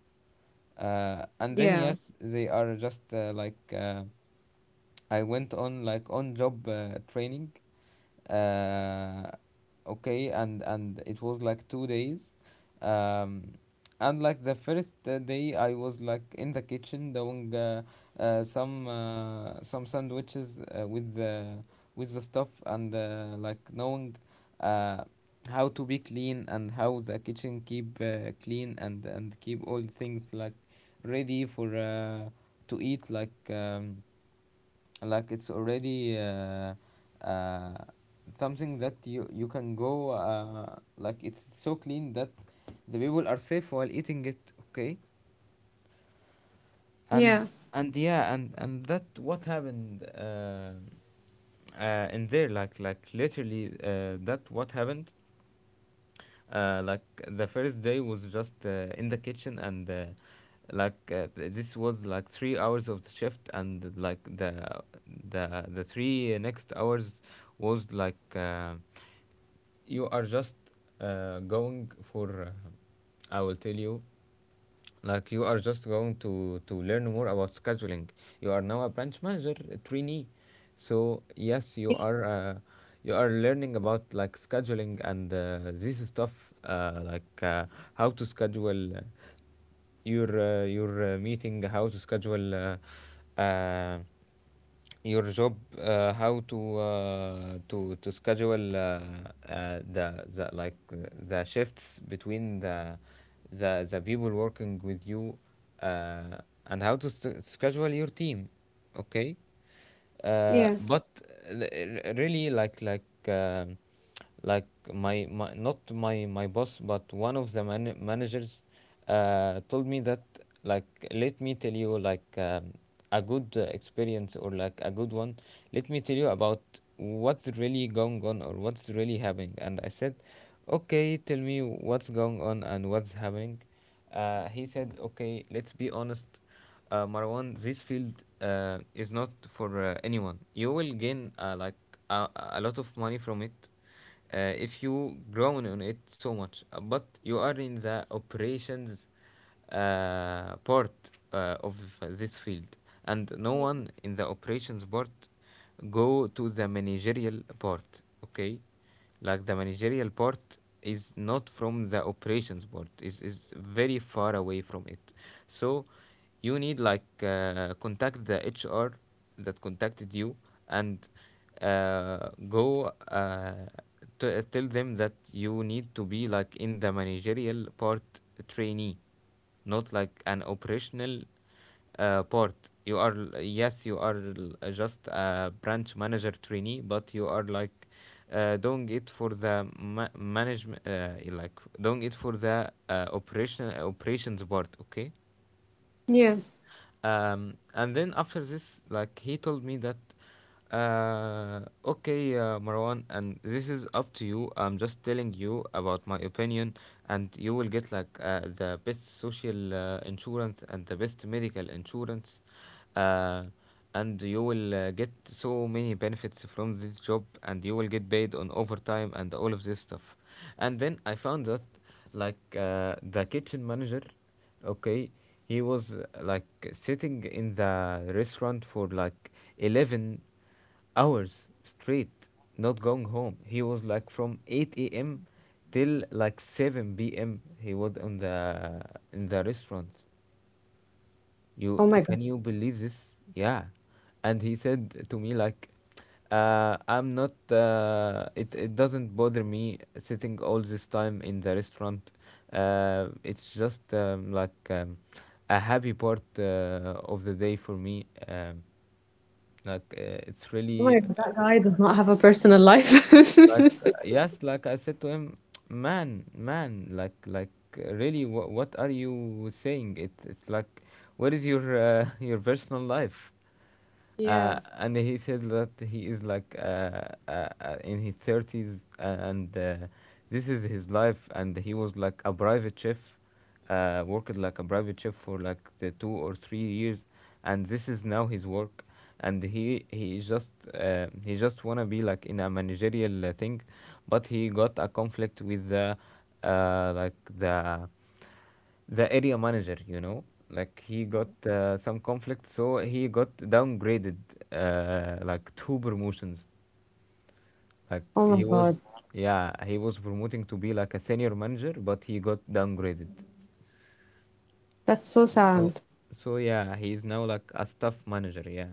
[SPEAKER 2] yeah.
[SPEAKER 1] And then yes, they are just I went on like on job training, uh, okay, and it was like 2 days, um, and like the first day I was like in the kitchen doing some sandwiches uh, with the with the stuff, and like knowing uh, how to be clean, and how the kitchen keep clean, and keep all things like ready for to eat, like it's already uh, something that you can go like it's so clean that the people are safe while eating it, okay.
[SPEAKER 2] Yeah.
[SPEAKER 1] And and yeah, and that what happened in there, like literally that what happened like the first day was just in the kitchen, and this was like 3 hours of the shift, and like the three next hours was like you are just going for I will tell you like you are just going to learn more about scheduling. You are now a branch manager, a trainee. So yes, you are learning about like scheduling and this stuff uh, like uh, how to schedule your meeting, how to schedule your job how to to schedule the the like uh, the shifts between the people working with you uh, and how to schedule your team. Okay,
[SPEAKER 2] Yeah.
[SPEAKER 1] but really, like my not my boss but one of the managers told me that, like, let me tell you, a good experience or like a good one. Let me tell you about what's really going on or what's really happening. And I said, okay, tell me what's going on and what's happening. He said, okay, let's be honest. Marwan, this field is not for anyone. You will gain like a lot of money from it if you grow on it so much. But you are in the operations part of this field, and no
[SPEAKER 2] Yeah.
[SPEAKER 1] one in the operations part go to the managerial part. Okay, like the managerial part is not from the operations part, is very far away from it. So you need, like, contact the hr that contacted you and uh, go, uh, tell them that you need to be like in the managerial part trainee, not like an operational part. You are yes, you are just a branch manager trainee, but you are like doing it for the management, like doing it for the operations board. Okay,
[SPEAKER 2] Yeah.
[SPEAKER 1] and then after this, like, he told me that. Okay, Marwan, and this is up to you. I'm just telling you about my opinion, and you will get, like, the best social insurance and the best medical insurance, uh, and you will get so many benefits from this job, and you will get paid on overtime and all of this stuff. And then I found that, the kitchen manager, okay, he was like sitting in the restaurant for like 11 hours straight, not going home. He was like from 8 a.m till like 7 p.m. He was on, the in the restaurant. you
[SPEAKER 2] Oh my God.
[SPEAKER 1] can you believe this? Yeah. And he said to me like, I'm not. It doesn't bother me sitting all this time in the restaurant. It's just a happy part of the day for me. It's
[SPEAKER 2] Oh
[SPEAKER 1] really
[SPEAKER 2] my God. That guy does not have a personal life.
[SPEAKER 1] like. Yes, like, I said to him, man man like really, what are you saying? It's like, where is your your personal life?
[SPEAKER 2] Yeah.
[SPEAKER 1] And he said that he is in his 30s, and this is his life. And he was like a private chef, worked like a private chef for like the 2 or 3 years, and this is now his work. And he just he just wanna be like in a managerial thing, but he got a conflict with the uh, like the the area manager, you know. Like he got some conflict, so he got downgraded like two promotions. Like,
[SPEAKER 2] Oh
[SPEAKER 1] he
[SPEAKER 2] my
[SPEAKER 1] was,
[SPEAKER 2] God.
[SPEAKER 1] yeah, he was promoting to be like a senior manager, but he got downgraded.
[SPEAKER 2] That's so
[SPEAKER 1] so
[SPEAKER 2] sad.
[SPEAKER 1] yeah, he is now like a staff manager, yeah.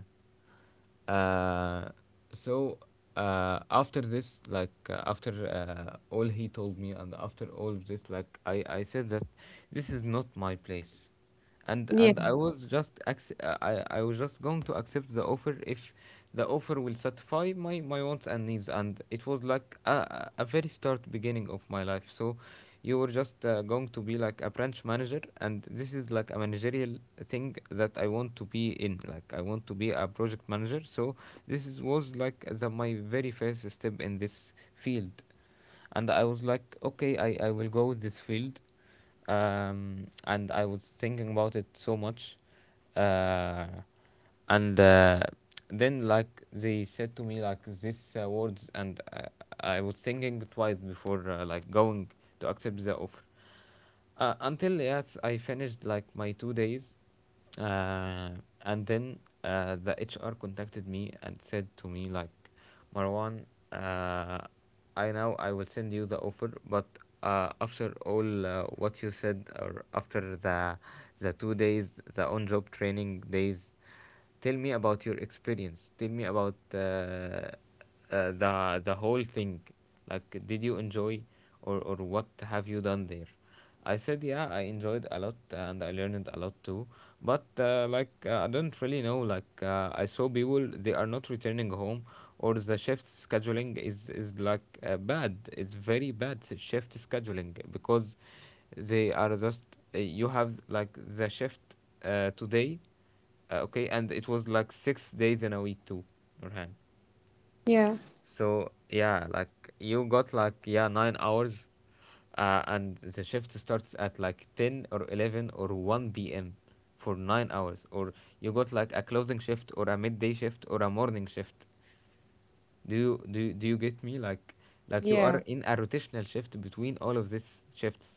[SPEAKER 1] uh, so after this, after all he told me, and after all of this, like, I said that this is not my place.
[SPEAKER 2] Yeah.
[SPEAKER 1] And I was just I was just going to accept the offer if the offer will satisfy my wants and needs. And it was like a very start beginning of my life. So, you were just going to be like a branch manager, and this is like a managerial thing that I want to be in. Like, I want to be a project manager. So, was like my very first step in this field, and I was like, okay, I will go with this field. And I was thinking about it so much, uh, and then, like, they said to me like these words, and I was thinking twice before like going to accept the offer. Until, yes, I finished like my 2 days, uh, and then the HR contacted me and said to me like, Marwan, uh, I know I will send you the offer, but after all what you said, or after the 2 days, the on-job training days, tell me about your experience. Tell me about the whole thing. Like, did you enjoy, or what have you done there? I said, yeah, I enjoyed a lot, and I learned a lot too. But I don't really know. Like, I saw people, they are not returning home, or the shift scheduling is like bad. It's very bad shift scheduling because they are just, you have like the shift today, okay, and it was like 6 days in a week too, Nurhan.
[SPEAKER 2] Yeah.
[SPEAKER 1] So yeah, like, you got like, yeah, 9 hours, and the shift starts at like 10 or 11 or one p.m. for 9 hours, or you got like a closing shift or a midday shift or a morning shift. Do you get me? Like, you are
[SPEAKER 2] Yeah.
[SPEAKER 1] in a rotational shift between all of these shifts,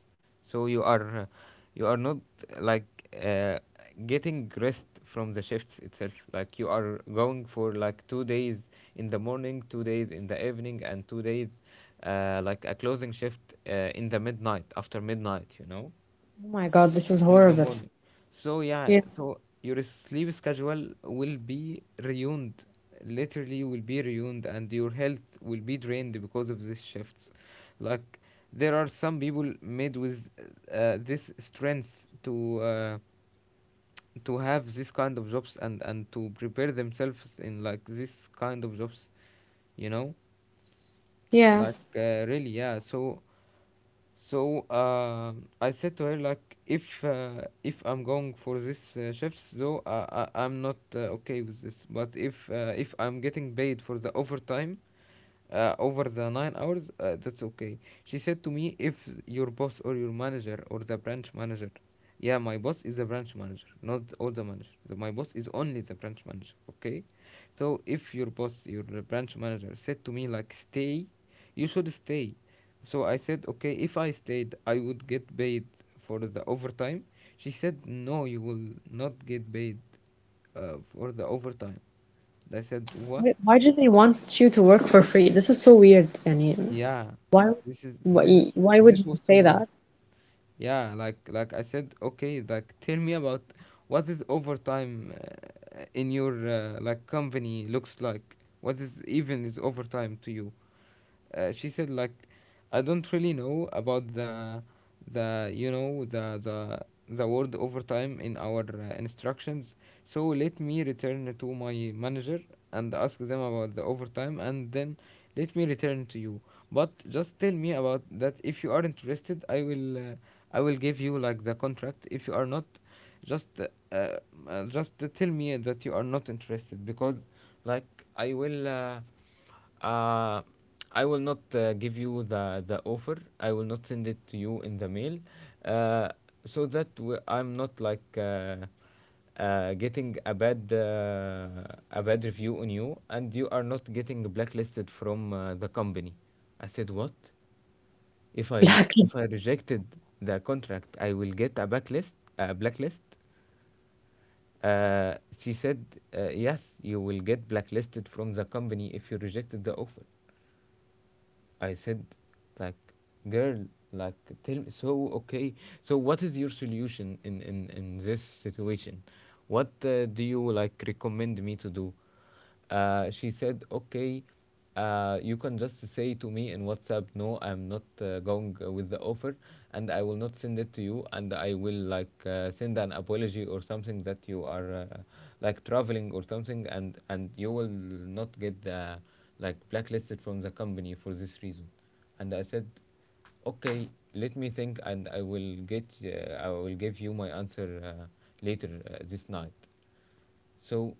[SPEAKER 1] so you are not uh, getting rest from the shifts itself. Like, you are going for like 2 days in the morning, 2 days in the evening, and 2 days like a closing shift in the midnight, after midnight. You know,
[SPEAKER 2] Oh my God. This is
[SPEAKER 1] till the
[SPEAKER 2] horrible.
[SPEAKER 1] morning. So yeah,
[SPEAKER 2] Yeah.
[SPEAKER 1] so your sleep schedule will be ruined, literally will be ruined, and your health will be drained because of these shifts. Like, there are some people made with this strength to have this kind of jobs, and to prepare themselves in like this kind of jobs, you know,
[SPEAKER 2] Yeah.
[SPEAKER 1] really, yeah. So. So I said to her like, if I'm going for this shifts, though, I'm not okay with this. But if I'm getting paid for the overtime, over the 9 hours, that's okay. She said to me, if your boss or your manager or the branch manager, yeah, my boss is the branch manager, not all the manager. My boss is only the branch manager, okay? So if your boss, your branch manager said to me, like, stay, you should stay. So I said, okay, if I stayed, I would get paid for the overtime. She said, no, you will not get paid for the overtime. I said, what?
[SPEAKER 2] Why do they want you to work for free? This is so weird. يعني
[SPEAKER 1] Yeah,
[SPEAKER 2] why, why would you
[SPEAKER 1] this was so
[SPEAKER 2] say
[SPEAKER 1] weird.
[SPEAKER 2] that?
[SPEAKER 1] Yeah, like, I said, okay, like, tell me about what is overtime in your like company looks like. What is even is overtime to you? She said, like, I don't really know about the you know, the word overtime in our instructions. So let me return to my manager and ask them about the overtime, and then let me return to you. But just tell me about that. If you are interested, I will, I will give you like the contract. If you are not, just uh, just tell me that you are not interested, because like, I will, uh, I will not give you the offer. I will not send it to you in the mail, uh, so that I'm not like getting a bad review on you, and you are not getting blacklisted from the company. I said, what?
[SPEAKER 2] Black.
[SPEAKER 1] If I rejected the contract, I will get a blacklist. A blacklist. She said, yes, you will get blacklisted from the company if you rejected the offer. I said, like, girl, like, tell me. So, okay. So what is your solution in this situation? What do you like recommend me to do? She said, okay. You can just say to me in WhatsApp, no, I'm not going with the offer, and I will not send it to you, and I will like, send an apology or something, that you are like traveling or something, and you will not get the like blacklisted from the company for this reason. And I said, okay, let me think, and I will get, I will give you my answer later this night. So,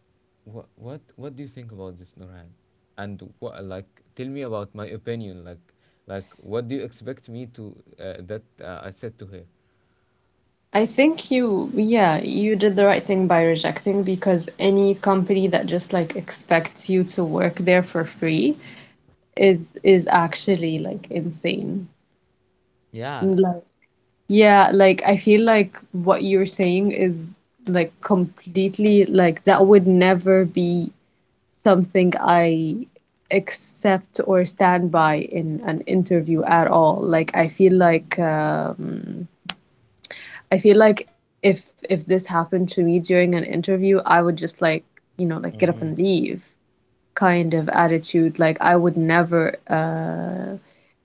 [SPEAKER 1] what do you think about this, Nurhan? And wha like, tell me about my opinion. Like, what do you expect me to that I said to her?
[SPEAKER 2] I think you, yeah, you did the right thing by rejecting, because any company that just like expects you to work there for free is actually like insane.
[SPEAKER 1] Yeah.
[SPEAKER 2] Like yeah, like I feel like what you're saying is like completely like that would never be something I accept or stand by in an interview at all. I feel like if this happened to me during an interview, I would just like, you know, like get up and
[SPEAKER 1] Mm-hmm.
[SPEAKER 2] leave kind of attitude. Like I would never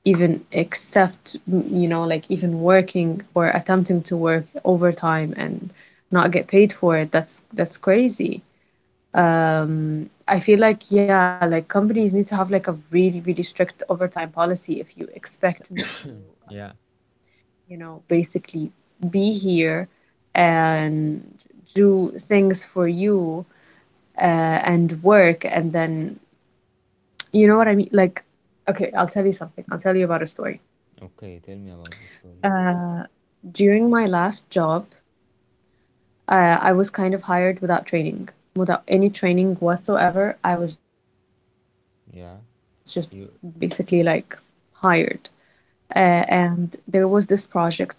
[SPEAKER 2] even accept, you know, like even working or attempting to work overtime and not get paid for it. That's crazy. I feel like yeah, like companies need to have like a really, really strict overtime policy if you expect me to,
[SPEAKER 1] Yeah.
[SPEAKER 2] you know, basically be here and do things for you and work and then you know what I mean? Like, okay, I'll tell you something. I'll tell you about a story.
[SPEAKER 1] Okay. Tell me about the story. Yeah.
[SPEAKER 2] Uh, During my last job, I was kind of hired without training, without any training whatsoever. I was just basically like
[SPEAKER 1] Yeah. You.
[SPEAKER 2] hired. And there was this project that was extremely complicated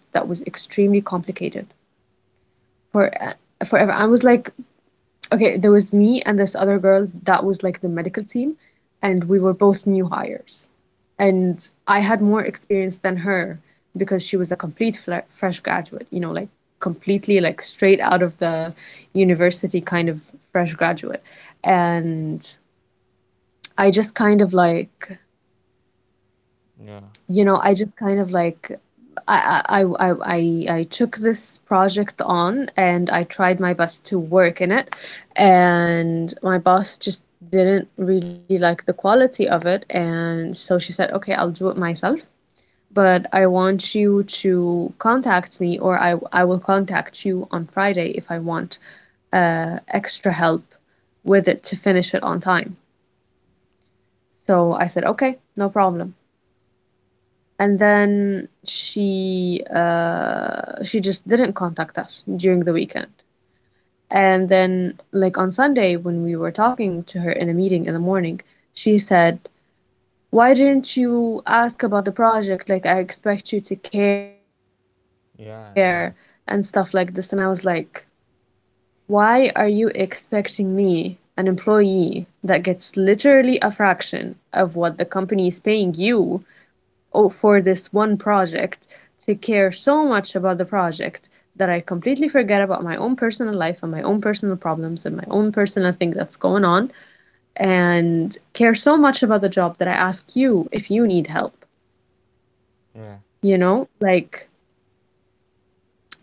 [SPEAKER 2] for forever. I was like, okay, there was me and this other girl that was like the medical team, and we were both new hires. And I had more experience than her because she was a complete fresh graduate, you know, like completely like straight out of the university kind of fresh graduate. And I just kind of like,
[SPEAKER 1] Yeah.
[SPEAKER 2] you know, I just kind of like I took this project on and I tried my best to work in it. And my boss just didn't really like the quality of it. And so she said, okay, I'll do it myself, but I want you to contact me, or I will contact you on Friday if I want extra help with it to finish it on time. So I said, okay, no problem. And then she just didn't contact us during the weekend. And then like on Sunday when we were talking to her in a meeting in the morning, she said, why didn't you ask about the project? Like I expect you to care and stuff like this.
[SPEAKER 1] Yeah.
[SPEAKER 2] And I was
[SPEAKER 1] Yeah.
[SPEAKER 2] like, why are you expecting me, an employee that gets literally a fraction of what the company is paying you oh, for this one project, to care so much about the project that I completely forget about my own personal life and my own personal problems and my own personal thing that's going on and care so much about the job that I ask you if you need help?
[SPEAKER 1] Yeah.
[SPEAKER 2] You know, like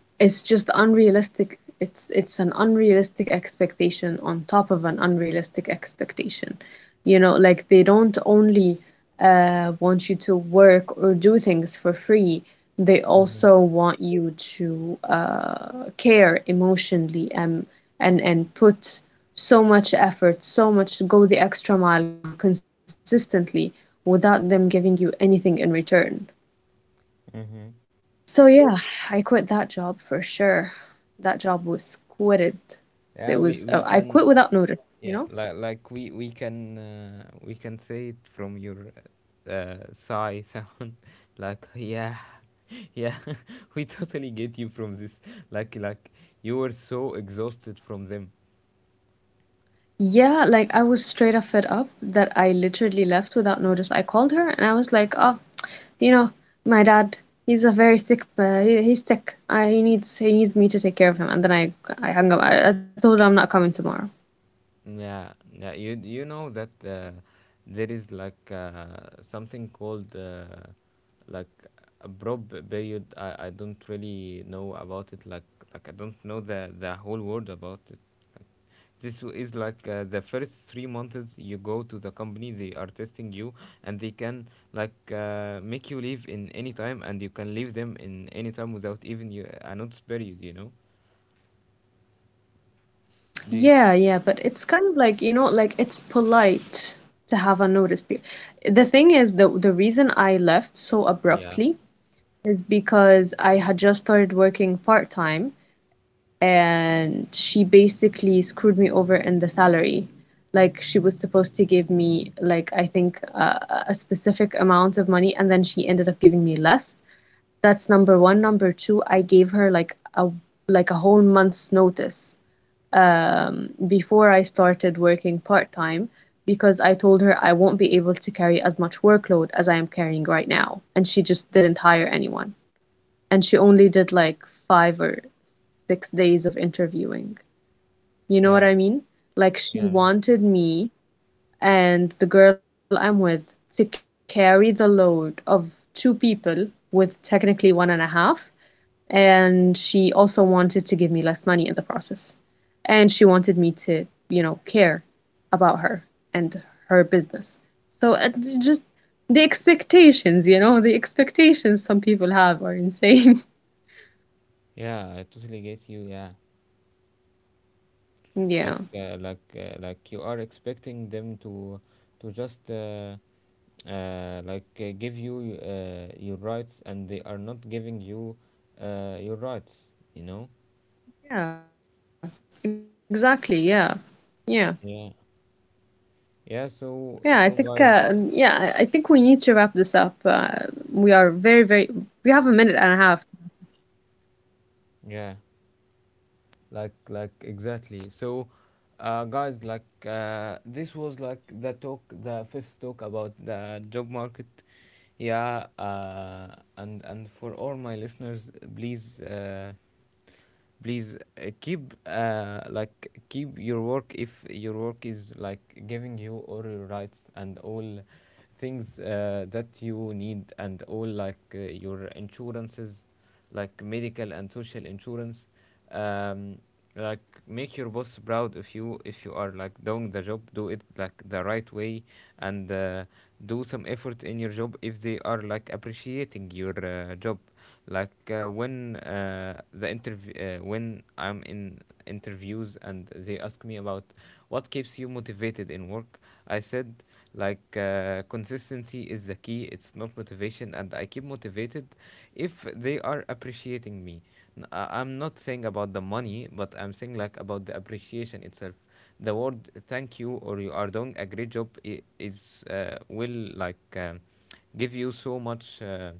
[SPEAKER 2] it's just unrealistic. It's an unrealistic expectation on top of an unrealistic expectation. You know, like they don't only want you to work or do things for free. They
[SPEAKER 1] Mm-hmm.
[SPEAKER 2] also want you to care emotionally and and put so much effort, so much go the extra mile consistently without them giving you anything in return.
[SPEAKER 1] Mm-hmm.
[SPEAKER 2] So yeah, I quit that job for sure. That job was quitted.
[SPEAKER 1] Yeah,
[SPEAKER 2] There was
[SPEAKER 1] we
[SPEAKER 2] I
[SPEAKER 1] can.
[SPEAKER 2] quit without notice, you
[SPEAKER 1] Yeah,
[SPEAKER 2] know?
[SPEAKER 1] like, we can say it from your sigh sound like, yeah, yeah. We totally get you from this. Like, you were so exhausted from them.
[SPEAKER 2] Yeah, like I was straight up fed up that I literally left without notice. I called her and I was like, "Oh, you know, my dad, he's a very sick, he's sick. I, he needs me to take care of him." And then I hung up. I told her I'm not coming tomorrow.
[SPEAKER 1] Yeah, yeah, you know that there is like something called like a brob period. I don't really know about it. Like, I don't know the whole word about this is like the first 3 months you go to the company, they are testing you, and they can like make you leave in any time, and you can leave them in any time without even you a notice period, you know. Do you,
[SPEAKER 2] Yeah, yeah, but it's kind of like, you know, like it's polite to have a notice period. The thing is, the reason I left so
[SPEAKER 1] yeah,
[SPEAKER 2] abruptly is because I had just started working part-time, and she basically screwed me over in the salary. Like she was supposed to give me like I think a specific amount of money, and then she ended up giving me less. That's number one. Number two, I gave her like a whole month's notice before I started working part-time, because I told her I won't be able to carry as much workload as I am carrying right now, and she just didn't hire anyone, and she only did like 5 or 6 days of interviewing. You know
[SPEAKER 1] yeah,
[SPEAKER 2] what I mean? Like she
[SPEAKER 1] yeah,
[SPEAKER 2] wanted me and the girl I'm with to carry the load of two people with technically one and a half. And she also wanted to give me less money in the process. And she wanted me to, you know, care about her and her business. So it's just the expectations, you know, the expectations some people have are insane.
[SPEAKER 1] yeah. I totally get you. Yeah, like,
[SPEAKER 2] Yeah.
[SPEAKER 1] like you are expecting them to just, like, give you your rights, and they are not giving you your rights. You know?
[SPEAKER 2] Yeah, exactly. Yeah. Yeah.
[SPEAKER 1] Yeah. Yeah, so so
[SPEAKER 2] Yeah, I
[SPEAKER 1] guys,
[SPEAKER 2] think yeah, I think we need to wrap this up. We are we have a minute and a half.
[SPEAKER 1] yeah, like, exactly. So, guys, this was like the talk, the fifth talk about the job market. Yeah, and for all my listeners, please, keep, like, keep your work if your work is like giving you all your rights and all things that you need, and all like your insurances, like medical and social insurance. um, like, make your boss proud. If you, if you are like doing the job, do it like the right way. And do some effort in your job if they are like appreciating your job. Like when the interview, when I'm in interviews, and they ask me about what keeps you motivated in work, I said, consistency is the key. It's not motivation. And I keep motivated if they are appreciating me. I'm not saying about the money, but I'm saying like about the appreciation itself. The word "thank you" or "you are doing a great job" is, will like, give you so much Uh,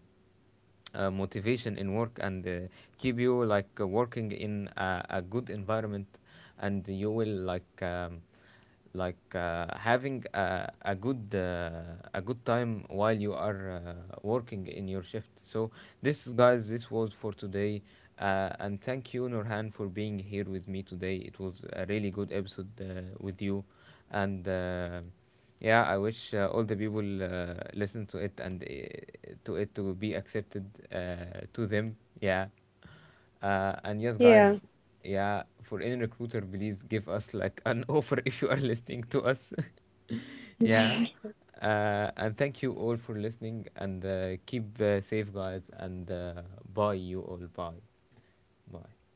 [SPEAKER 1] uh, motivation in work, and keep you like working in a good environment, and you will like, having a good a good time while you are working in your shift. So, this, guys, this was for today. And thank you, Nurhan, for being here with me today. It was a really good episode with you. And yeah, I wish all the people listen to it, and to be accepted to them, yeah. And yes, guys, yeah,
[SPEAKER 2] Yeah,
[SPEAKER 1] for any recruiter, please give us like an offer if you are listening to us. Yeah. And thank you all for listening, and keep safe, guys. And bye, you all. Bye. Bye.